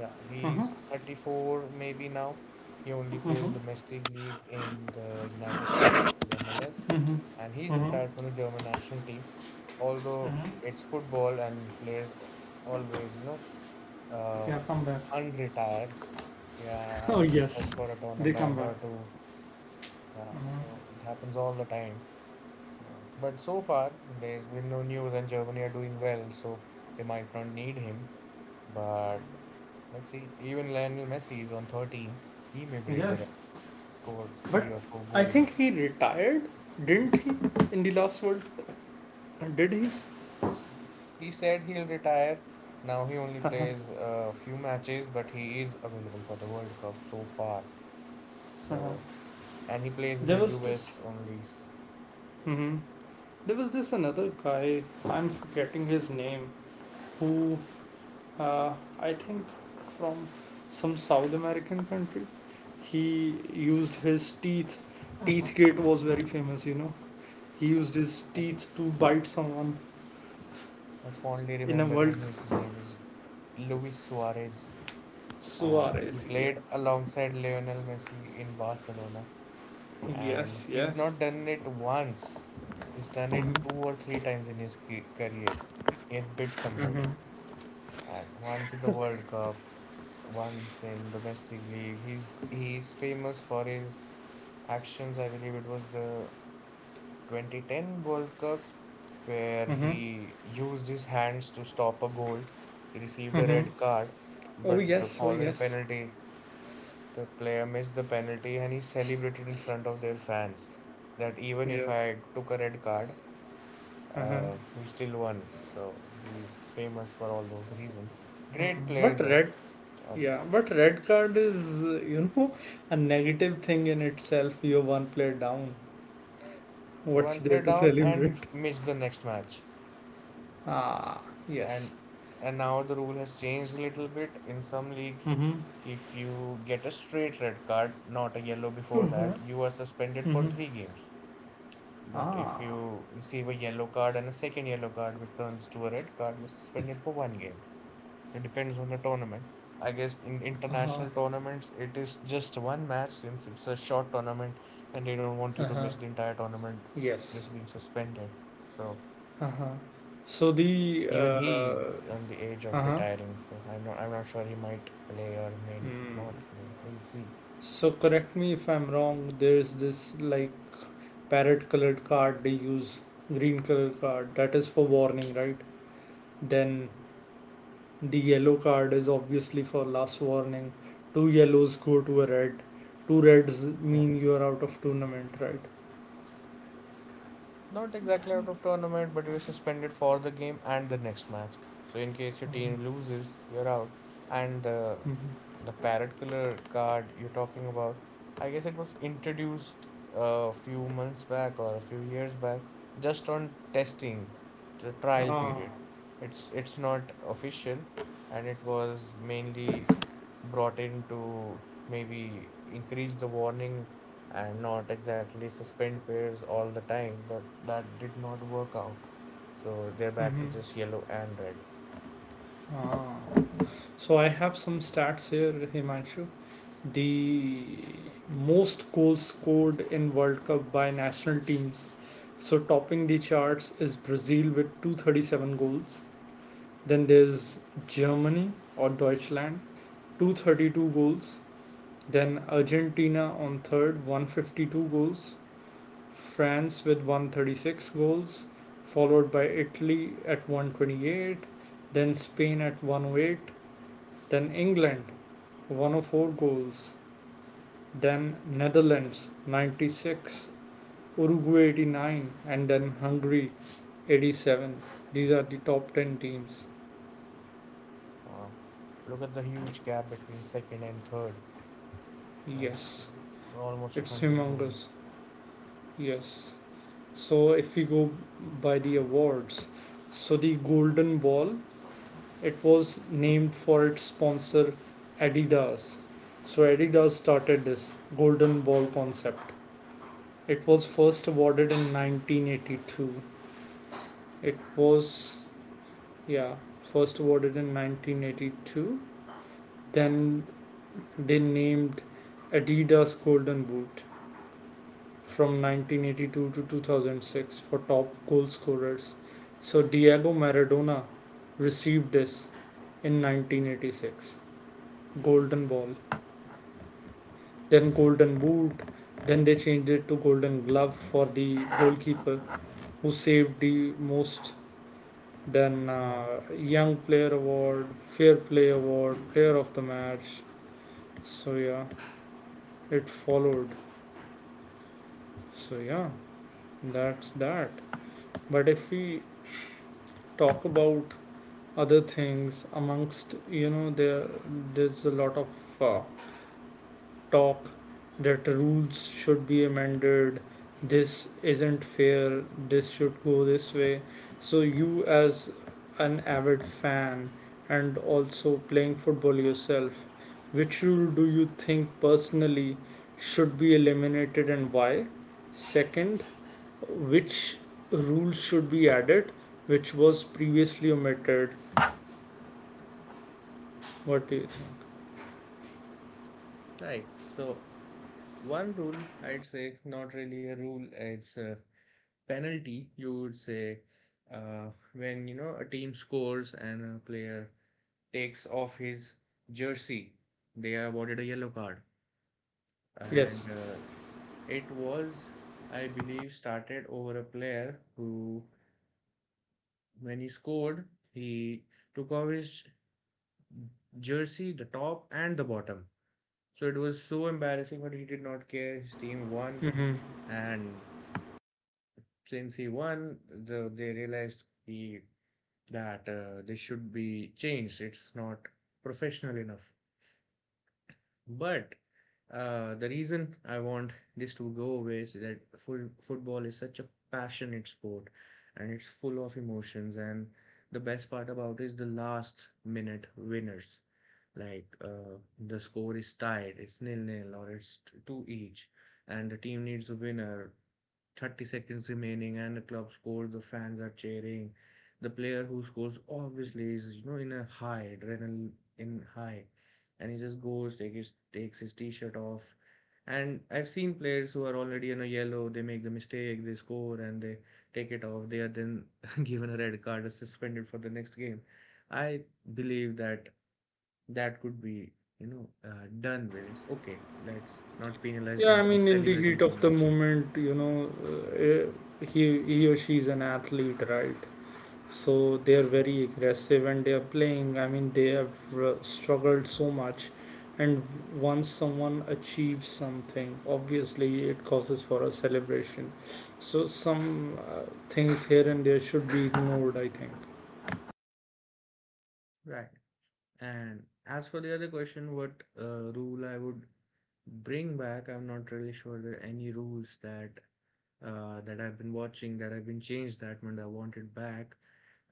Yeah,
Uh huh.
he's 34 maybe now. He only
Uh
plays
huh.
domestic league in the United States, the MLS, and he's
Uh huh.
retired from the German national team. Although
Uh huh.
it's football and players always, you know, uh,
Yeah, come back. [laughs]
unretire, yeah,
Oh
and
yes,
just for a
they come
tournament
back.
or two, yeah.
Uh
So
huh.
it happens all the time. Wow. But so far, there's been no news, and Germany are doing well, so they might not need him. But let's see. Even Lionel Messi is on 13. He may break the record,
Yes,
scores
but
three or four
I
goals.
think he retired, didn't he? In the last World, Cup? Did he?
S- He said he'll retire. Now he only plays a few matches, but he is available for the World Cup so far.
Huh.
So, and he plays in
There
the
was this.
US only.
Mm-hmm. There was this another guy. I'm forgetting his name. Who Uh, I think from some South American country, he used his teeth. Teeth gate was very famous, you know. He used his
[laughs] I
teeth to bite someone
fondly
in a
remember
World
him. His
Cup.
name is Luis Suarez, and he
Suarez, yes.
played alongside Lionel Messi in Barcelona. And
Yes,
he's
yes.
not done it once, he's done it two
Mm-hmm.
or three times in his career. He has beat somebody,
Mm-hmm.
and once in the World Cup, once in domestic league. He's famous for his actions. I believe it was the 2010 World Cup where
Mm-hmm.
he used his hands to stop a goal. He received a
Mm-hmm.
red card,
Oh,
but the
yes, oh,
following
yes.
penalty. The player missed the penalty and he celebrated in front of their fans, that even if
Yes.
I took a red card,
Uh-huh.
we still won. So he's famous for all those reasons.
Mm.
Great player
But
though.
red,
Uh,
yeah, but red card is, you know, a negative thing in itself. You're one player down.
He one
What's
player
there to
down and you
celebrate?
missed the next match.
Ah,
And
yes.
and now the rule has changed a little bit. In some leagues,
Mm-hmm.
if you get a straight red card, not a yellow before that, you are suspended for
Hmm.
three games. But if
Ah,
you receive a yellow card and a second yellow card, which turns to a red card, you're suspended for one game. So, it depends on the tournament. I guess in
uh-huh.
international tournaments, it is just one match since it's a short tournament and they don't want you to
Uh-huh.
miss the entire tournament
Yes.
just being suspended. So
Uh-huh. So the
even he's on the edge of
uh-huh.
retiring. So I'm not sure he might play or may
Mm.
not play. We'll see.
So correct me if I'm wrong. There's this like parrot colored card they use, green color card that is for warning, right? Then the yellow card is obviously for last warning. Two yellows go to a red. Two reds
Yeah.
mean you are out of tournament, right?
Not exactly out of tournament, but you're suspended for the game and the next match. So in case your team
Um,
loses, you're out. And the
mhm.
the parrot color card you're talking about, I guess it was introduced a few months back or a few years back, just on testing, the trial
Ah.
period. It's not official, and it was mainly brought in to maybe increase the warning and not exactly suspend pairs all the time, but that did not work out. So they're back
Mm-hmm.
to just yellow and red.
Ah, so I have some stats here, Himanshu. The
Sure.
most goals scored in World Cup by national teams. So topping the charts is Brazil with 237 goals. Then there's Germany or Deutschland, 232 goals. Then Argentina on third, 152 goals. France with 136 goals, followed by Italy at 128, then Spain at 108, then England 104 goals, then Netherlands 96, Uruguay 89, and then Hungary 87. These are the top 10 teams.
Wow. Look at the huge gap between second and third, like
Yes,
almost
it's
100 goals.
humongous. Yes. So if we go by the awards, so the Golden Ball, it was named for its sponsor Adidas. So Adidas started this Golden Ball concept. It was first awarded in 1982. It was Yeah, first awarded in 1982. Then they named Adidas Golden Boot from 1982 to 2006 for top goal scorers. So Diego Maradona received this in 1986. Golden Ball, then Golden Boot, then they changed it to Golden Glove for the goalkeeper who saved the most. Then
Yeah.
Young Player Award, Fair Play Award, Player of the Match, so yeah it followed, so yeah that's that. But if we talk about other things amongst you know, there there's a lot of uh, talk that rules should be amended, this isn't fair, this should go this way. So you, as an avid fan and also playing football yourself, which rule do you think personally should be eliminated and why? Second, which rule should be added which was previously omitted? What do you think?
Right. So one rule, I'd say, not really a rule, it's a penalty. You would say, when you know a team scores and a player takes off his jersey, they are awarded a yellow card.
Yes,
And it was, I believe, started over a player who, when he scored, he took off his jersey, the top and the bottom. So it was so embarrassing, but he did not care, his team won.
mm-hmm.
And since he won they realized he that this should be changed, it's not professional enough. But the reason I want this to go away is that full football is such a passionate sport and it's full of emotions. And the best part about it is the last minute winners. Like, the score is tied, it's nil nil or it's two each, and the team needs a winner, 30 seconds remaining, and the club scores, the fans are cheering. The player who scores obviously is in a high, adrenaline in high. And he just goes, takes his t-shirt off. And I've seen players who are already in a yellow, they make the mistake, they score, and they take it off. They are then [laughs] given a red card, suspended for the next game. I believe that could be done with. It's okay. Let's not penalize
Yeah,
them
I
for
mean, in the
celebrating
heat
too
of the
much.
moment, you know, he or she is an athlete, right? So they are
Yeah,
very aggressive and they are playing. I mean, they have struggled so much, and once someone achieves something, obviously it causes for a celebration. So some uh, things here and there should be ignored, I think.
right. And as for the other question, what rule I would bring back, I'm not really sure there are any rules that that I've been watching that have been changed that much I wanted back.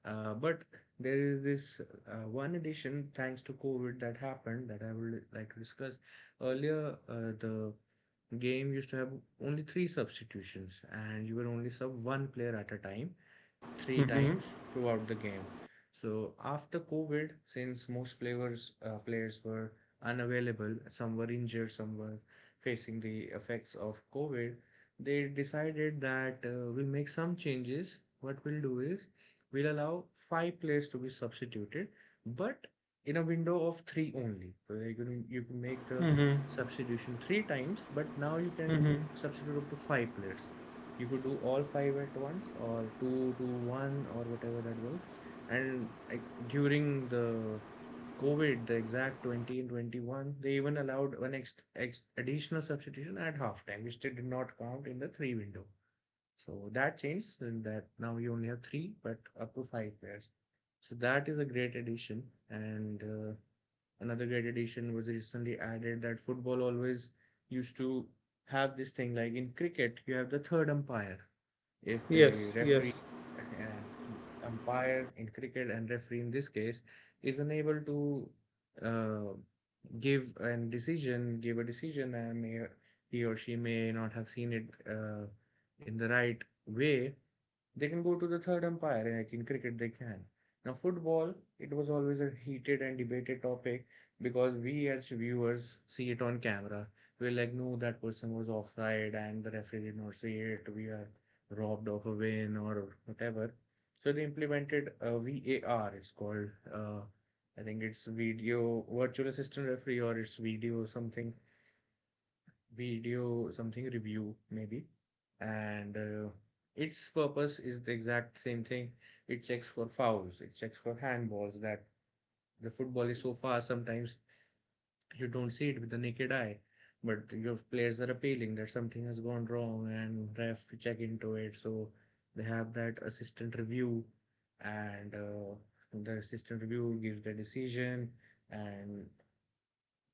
But there is this one addition, thanks to COVID, that happened that I would like to discuss. Earlier, the game used to have only three substitutions, and you were only sub one player at a time, three
Mm-hmm.
times throughout the game. So after COVID, since most players were unavailable, some were injured, some were facing the effects of COVID, they decided that, we'll make some changes. What we'll do is, we'll allow five players to be substituted, but in a window of three only. So you can make the
Mm-hmm.
substitution three times, but now you can
Mm-hmm.
substitute up to five players. You could do all five at once, or two to one, or whatever that works. And, like, during the COVID, the exact 20 and 21, they even allowed an additional substitution at halftime, which they did not count in the three window. So that changed, and that now you only have three but up to five players. So that is a great addition. And another great addition was recently added, that football always used to have this thing, like in cricket you have the third umpire. If the
Yes.
referee
Yes.
and umpire in cricket and referee in this case is unable to uh, give a decision, and he or she may not have seen it in the right way, they can go to the third umpire, and like in cricket, they can. Now, football, it was always a heated and debated topic, because we as viewers see it on camera. We're like, no, that person was offside, and the referee did not see it, we are robbed of a win or whatever. So they implemented a VAR. It's called, uh, I think it's video virtual assistant referee, or it's video something review, maybe. And its purpose is the exact same thing. It checks for fouls, it checks for handballs, that the football is so fast sometimes you don't see it with the naked eye, but your players are appealing that something has gone wrong and ref check into it, so they have that assistant review. And the assistant review gives the decision. And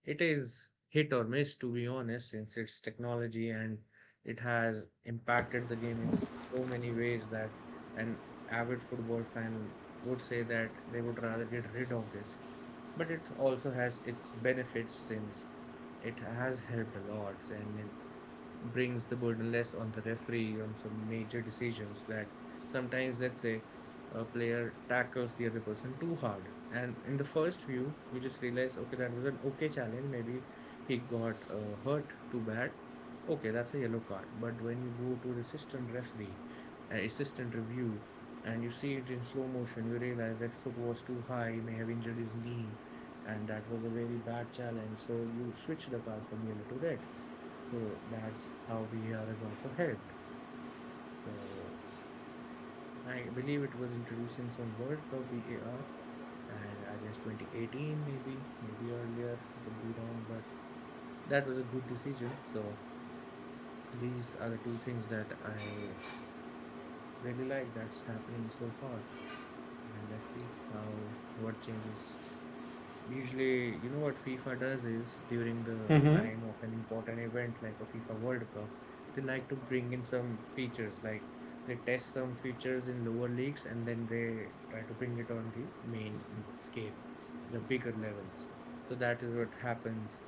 it is hit or miss, to be honest, since it's technology, and it has impacted the game in so many ways, that an avid football fan would say that they would rather get rid of this, but it also has its benefits, since it has helped a lot, and it brings the burden less on the referee on some major decisions. That, sometimes, let's say, a player tackles the other person too hard, and in the first view you just realize, okay, that was an okay challenge, maybe he got hurt too bad, okay, that's a yellow card. But when you go to the assistant referee, assistant review, and you see it in slow motion, you realize that foot was too high, he may have injured his knee, and that was a very bad challenge, so you switch the card from yellow to red. So that's how VAR has also helped. So I believe it was introduced in some World Cup VAR, and I guess 2018 maybe, maybe earlier. Could be wrong, but that was a good decision. So these are the two things that I really like that's happening so far, and let's see how what changes. Usually, you know what FIFA does is, during the
Mm-hmm.
time of an important event like a FIFA World Cup, they like to bring in some features, like they test some features in lower leagues and then they try to bring it on the main scale, the bigger levels. So that is what happens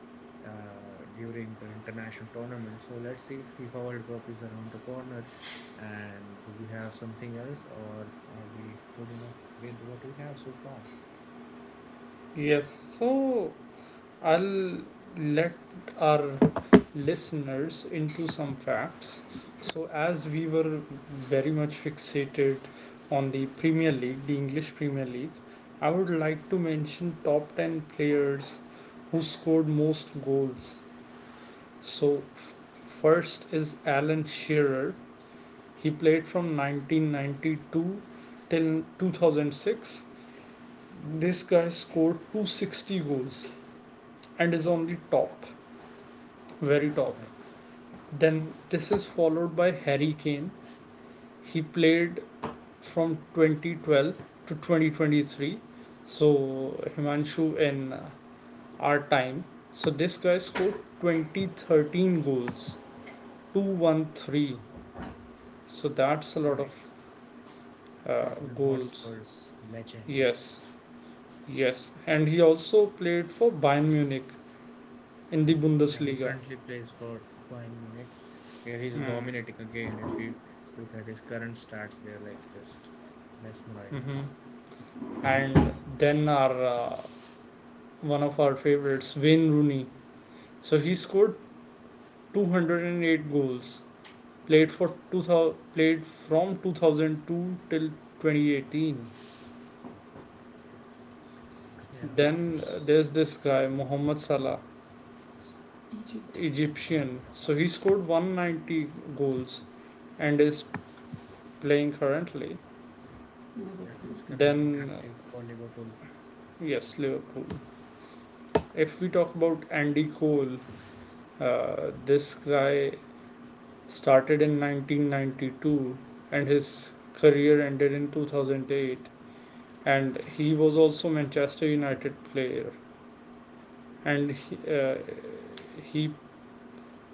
during the international tournament. So let's see, FIFA World Cup is around the corner. And do we have something else, or are we good enough with what we have so far?
Yes. So. I'll let our listeners into some facts. So, as we were very much fixated on the Premier League, the English Premier League, I would like to mention top 10 players who scored most goals. So, first is Alan Shearer. He played from 1992 till 2006. This guy scored 260 goals and is on the top, very top.
Right,
Then this is followed by Harry Kane. He played from 2012 to 2023. So Himanshu in our time. So this guy scored 2013 goals, 213. So that's a lot
right.
of uh,
Tottenham
goals.
Hotspur's legend.
Yes, yes. And he also played for Bayern Munich in the
Yeah, he
Bundesliga.
currently plays for Bayern Munich. Yeah, he's
Hmm.
dominating again. If you look at his current stats, they're like just mesmerizing.
Mm-hmm. And then our one of our favorites, Wayne Rooney. So he scored 208 goals, played for 2000 played from 2002 till 2018.
Yeah,
Then there's this guy Mohamed Salah,
Alvaro
Egyptian,
Sala.
so he scored 190 goals and is playing currently.
Yeah, he's currently
Then uh,
active for Liverpool.
yes, Liverpool. If we talk about Andy Cole, this guy started in 1992 and his career ended in 2008, and he was also Manchester United player, and he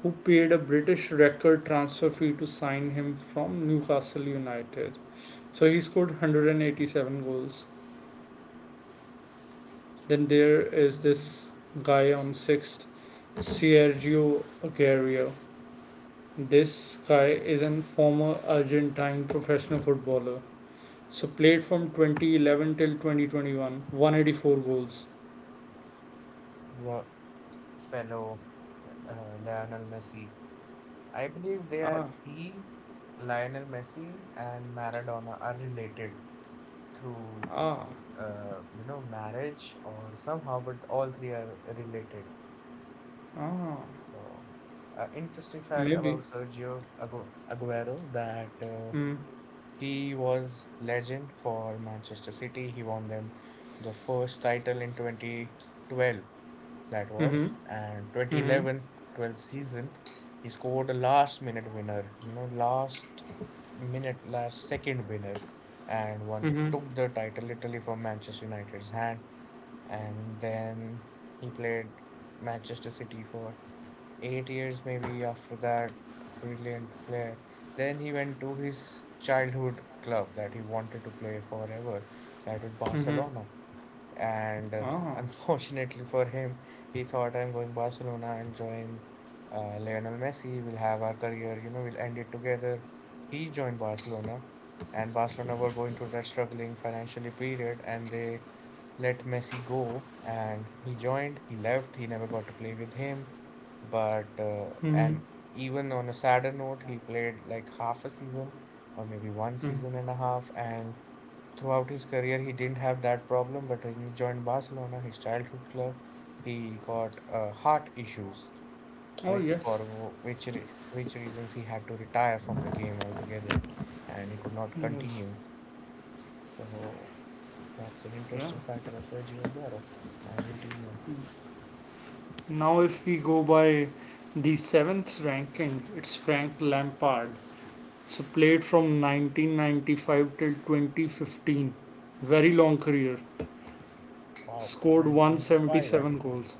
who paid a British record transfer fee to sign him from Newcastle United. So he scored 187 goals. Then there is this guy on sixth, Sergio Aguero. This guy is a former Argentine professional footballer. So played from 2011 till 2021, 184 goals.
The fellow, Lionel Messi. I believe
Ah,
Lionel Messi and Maradona are related through
ah,
marriage or somehow, but all three are related.
ah.
So, interesting fact
Maybe.
about Sergio Aguero, that
Mm.
he was legend for Manchester City. He won them their first title in 2012, that
Mm-hmm.
was, and 2011-12 season. He scored a last minute winner, you know, last minute, last second winner, and one took the title literally from Manchester United's hand. And then he played Manchester City for 8 years maybe after that, brilliant player. Then he went to his childhood club that he wanted to play forever, that was
Mm-hmm.
Barcelona. And
Ah.
[laughs] unfortunately for him, he thought, I'm going Barcelona and join Lionel Messi, we'll have our career, we'll end it together. He joined Barcelona, and Barcelona were going through that struggling financially period, and they let Messi go. And he joined, he left, he never got to play with him. But
Mm-hmm.
and even on a sadder note, he played like half a season or maybe one
Mm.
season and a half. And throughout his career, he didn't have that problem. But when he joined Barcelona, his childhood club, he got heart issues,
Oh
which for
yes.
wh- which re which reasons he had to retire from the game altogether, and he could not
Yes.
continue. So that's an
Yeah.
interesting fact about Sergio Aguero, Argentinian.
Now if we go by the seventh ranking, it's Frank Lampard. So played from 1995 till 2015. Very long career.
Wow,
Scored
1995 at
177
the time.
goals.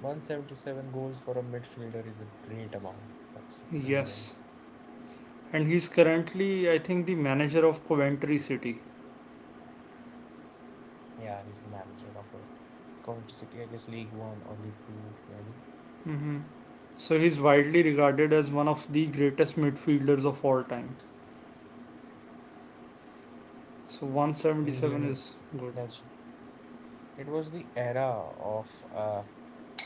177 goals for a midfielder is a great amount. That's brilliant.
Yes. And he's currently, I think, the manager of Coventry City.
Yeah, yeah, he's the manager of a Coventry City, I guess League One or League Two, maybe.
Mm-hmm. So he's widely regarded as one of the greatest midfielders of all time. So
Yes,
177
England
is good.
legend. It was the era of,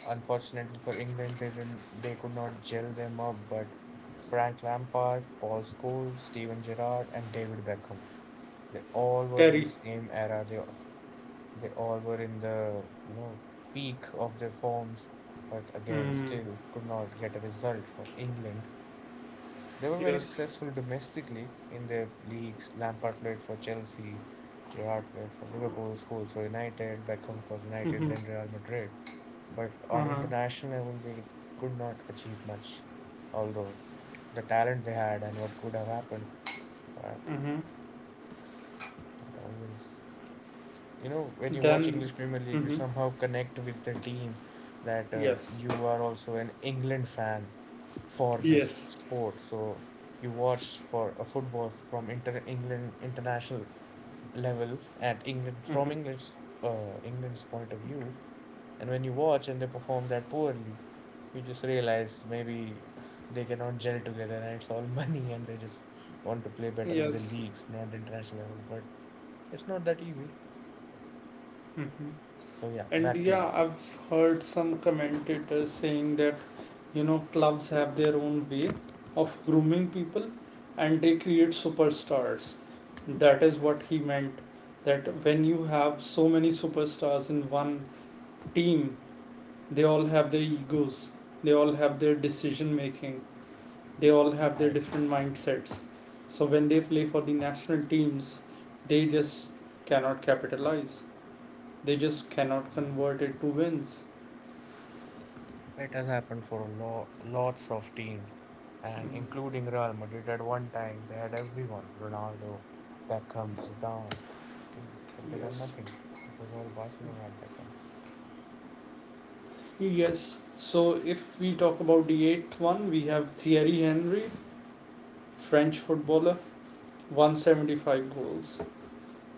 unfortunately for England, they didn't, they could not gel them up, but Frank Lampard, Paul Scholes, Steven Gerrard, and David Beckham. They all were in the
Terry.
same era. They all were in the peak of their forms, but again,
Mm,
still could not get a result for England. They were very
yes.
successful domestically in their leagues. Lampard played for Chelsea, Gerrard played for Liverpool, Scholes for United, Beckham for United, then
Mm-hmm.
Real Madrid. But on
Uh-huh.
international level, they could not achieve much, although the talent they had and what could have happened, but
Mm-hmm.
that always, when you watch
Then.
English Premier League you
Mm-hmm.
somehow connect with the team, that
Yes.
you are also an England fan for this
Yes.
sport. So you watch for a football from inter England international level, at England, from
Mm-hmm.
England's point of view. And when you watch and they perform that poorly, you just realize maybe they cannot gel together, and it's all [laughs] money, and they just want to play better in the
Yes.
leagues, not the international level, but it's not that easy.
Mm-hmm.
So yeah,
And
back to you.
yeah, I've heard some commentators saying that, you know, clubs have their own way of grooming people and they create superstars. That is what he meant. That when you have so many superstars in one team, they all have their egos, they all have their decision making, they all have their
Right.
different mindsets. So when they play for the national teams, they just cannot capitalize. They just cannot convert it to wins.
It has happened for lots of teams, and
Mm.
including Real Madrid at one time, they had everyone, Ronaldo, Beckham, Zidane, but they won
Yes.
nothing. It was all Barcelona at that time.
Yes. So if we talk about the eighth one, we have Thierry Henry, French footballer, 175 goals.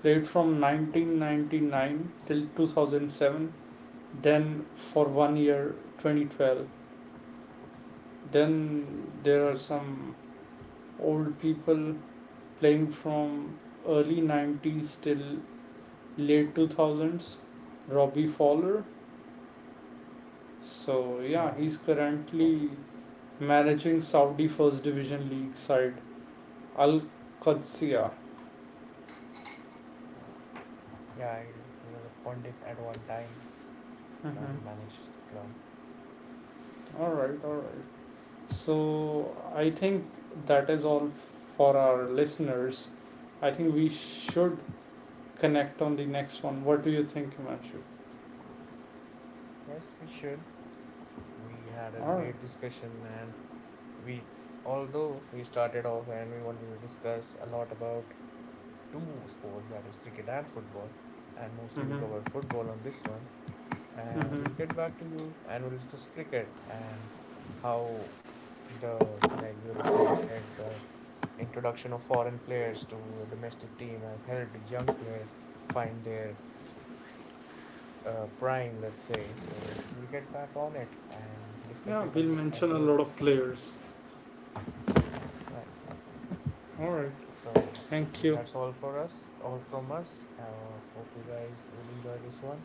Played from 1999 till 2007, then for one year 2012. Then there
Yeah.
are some old people playing from early 90s till late 2000s, Robbie Fowler. So, yeah,
Yeah.
he's
Oh, wow.
currently managing Saudi First Division League side Al Qadsiya.
Yeah. Yeah, he was a pundit at one time. Now he
Mm-hmm.
manages the club.
All right, all right. So, I think that is all for our listeners. I think we should connect on the next one. What do you think, Himanshu?
Yes, we should. We had a
All right.
great discussion, and we, although we started off and we wanted to discuss a lot about two sports, that is cricket and football, and mostly we
Mm-hmm.
cover football on this one, and we'll
Mm-hmm.
get back to you, and we'll discuss cricket. And how, the like we originally said, the introduction of foreign players to a domestic team has helped a young player find their prime, let's say. So we'll get back on it and discuss
Yeah,
it
we'll
as
mention a
well.
lot of players.
Right.
All right.
So
Thank you.
that's all for us, all from us. Hope you guys will enjoy this one,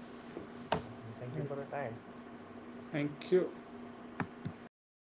and thank you for your time.
Thank you.
Okay.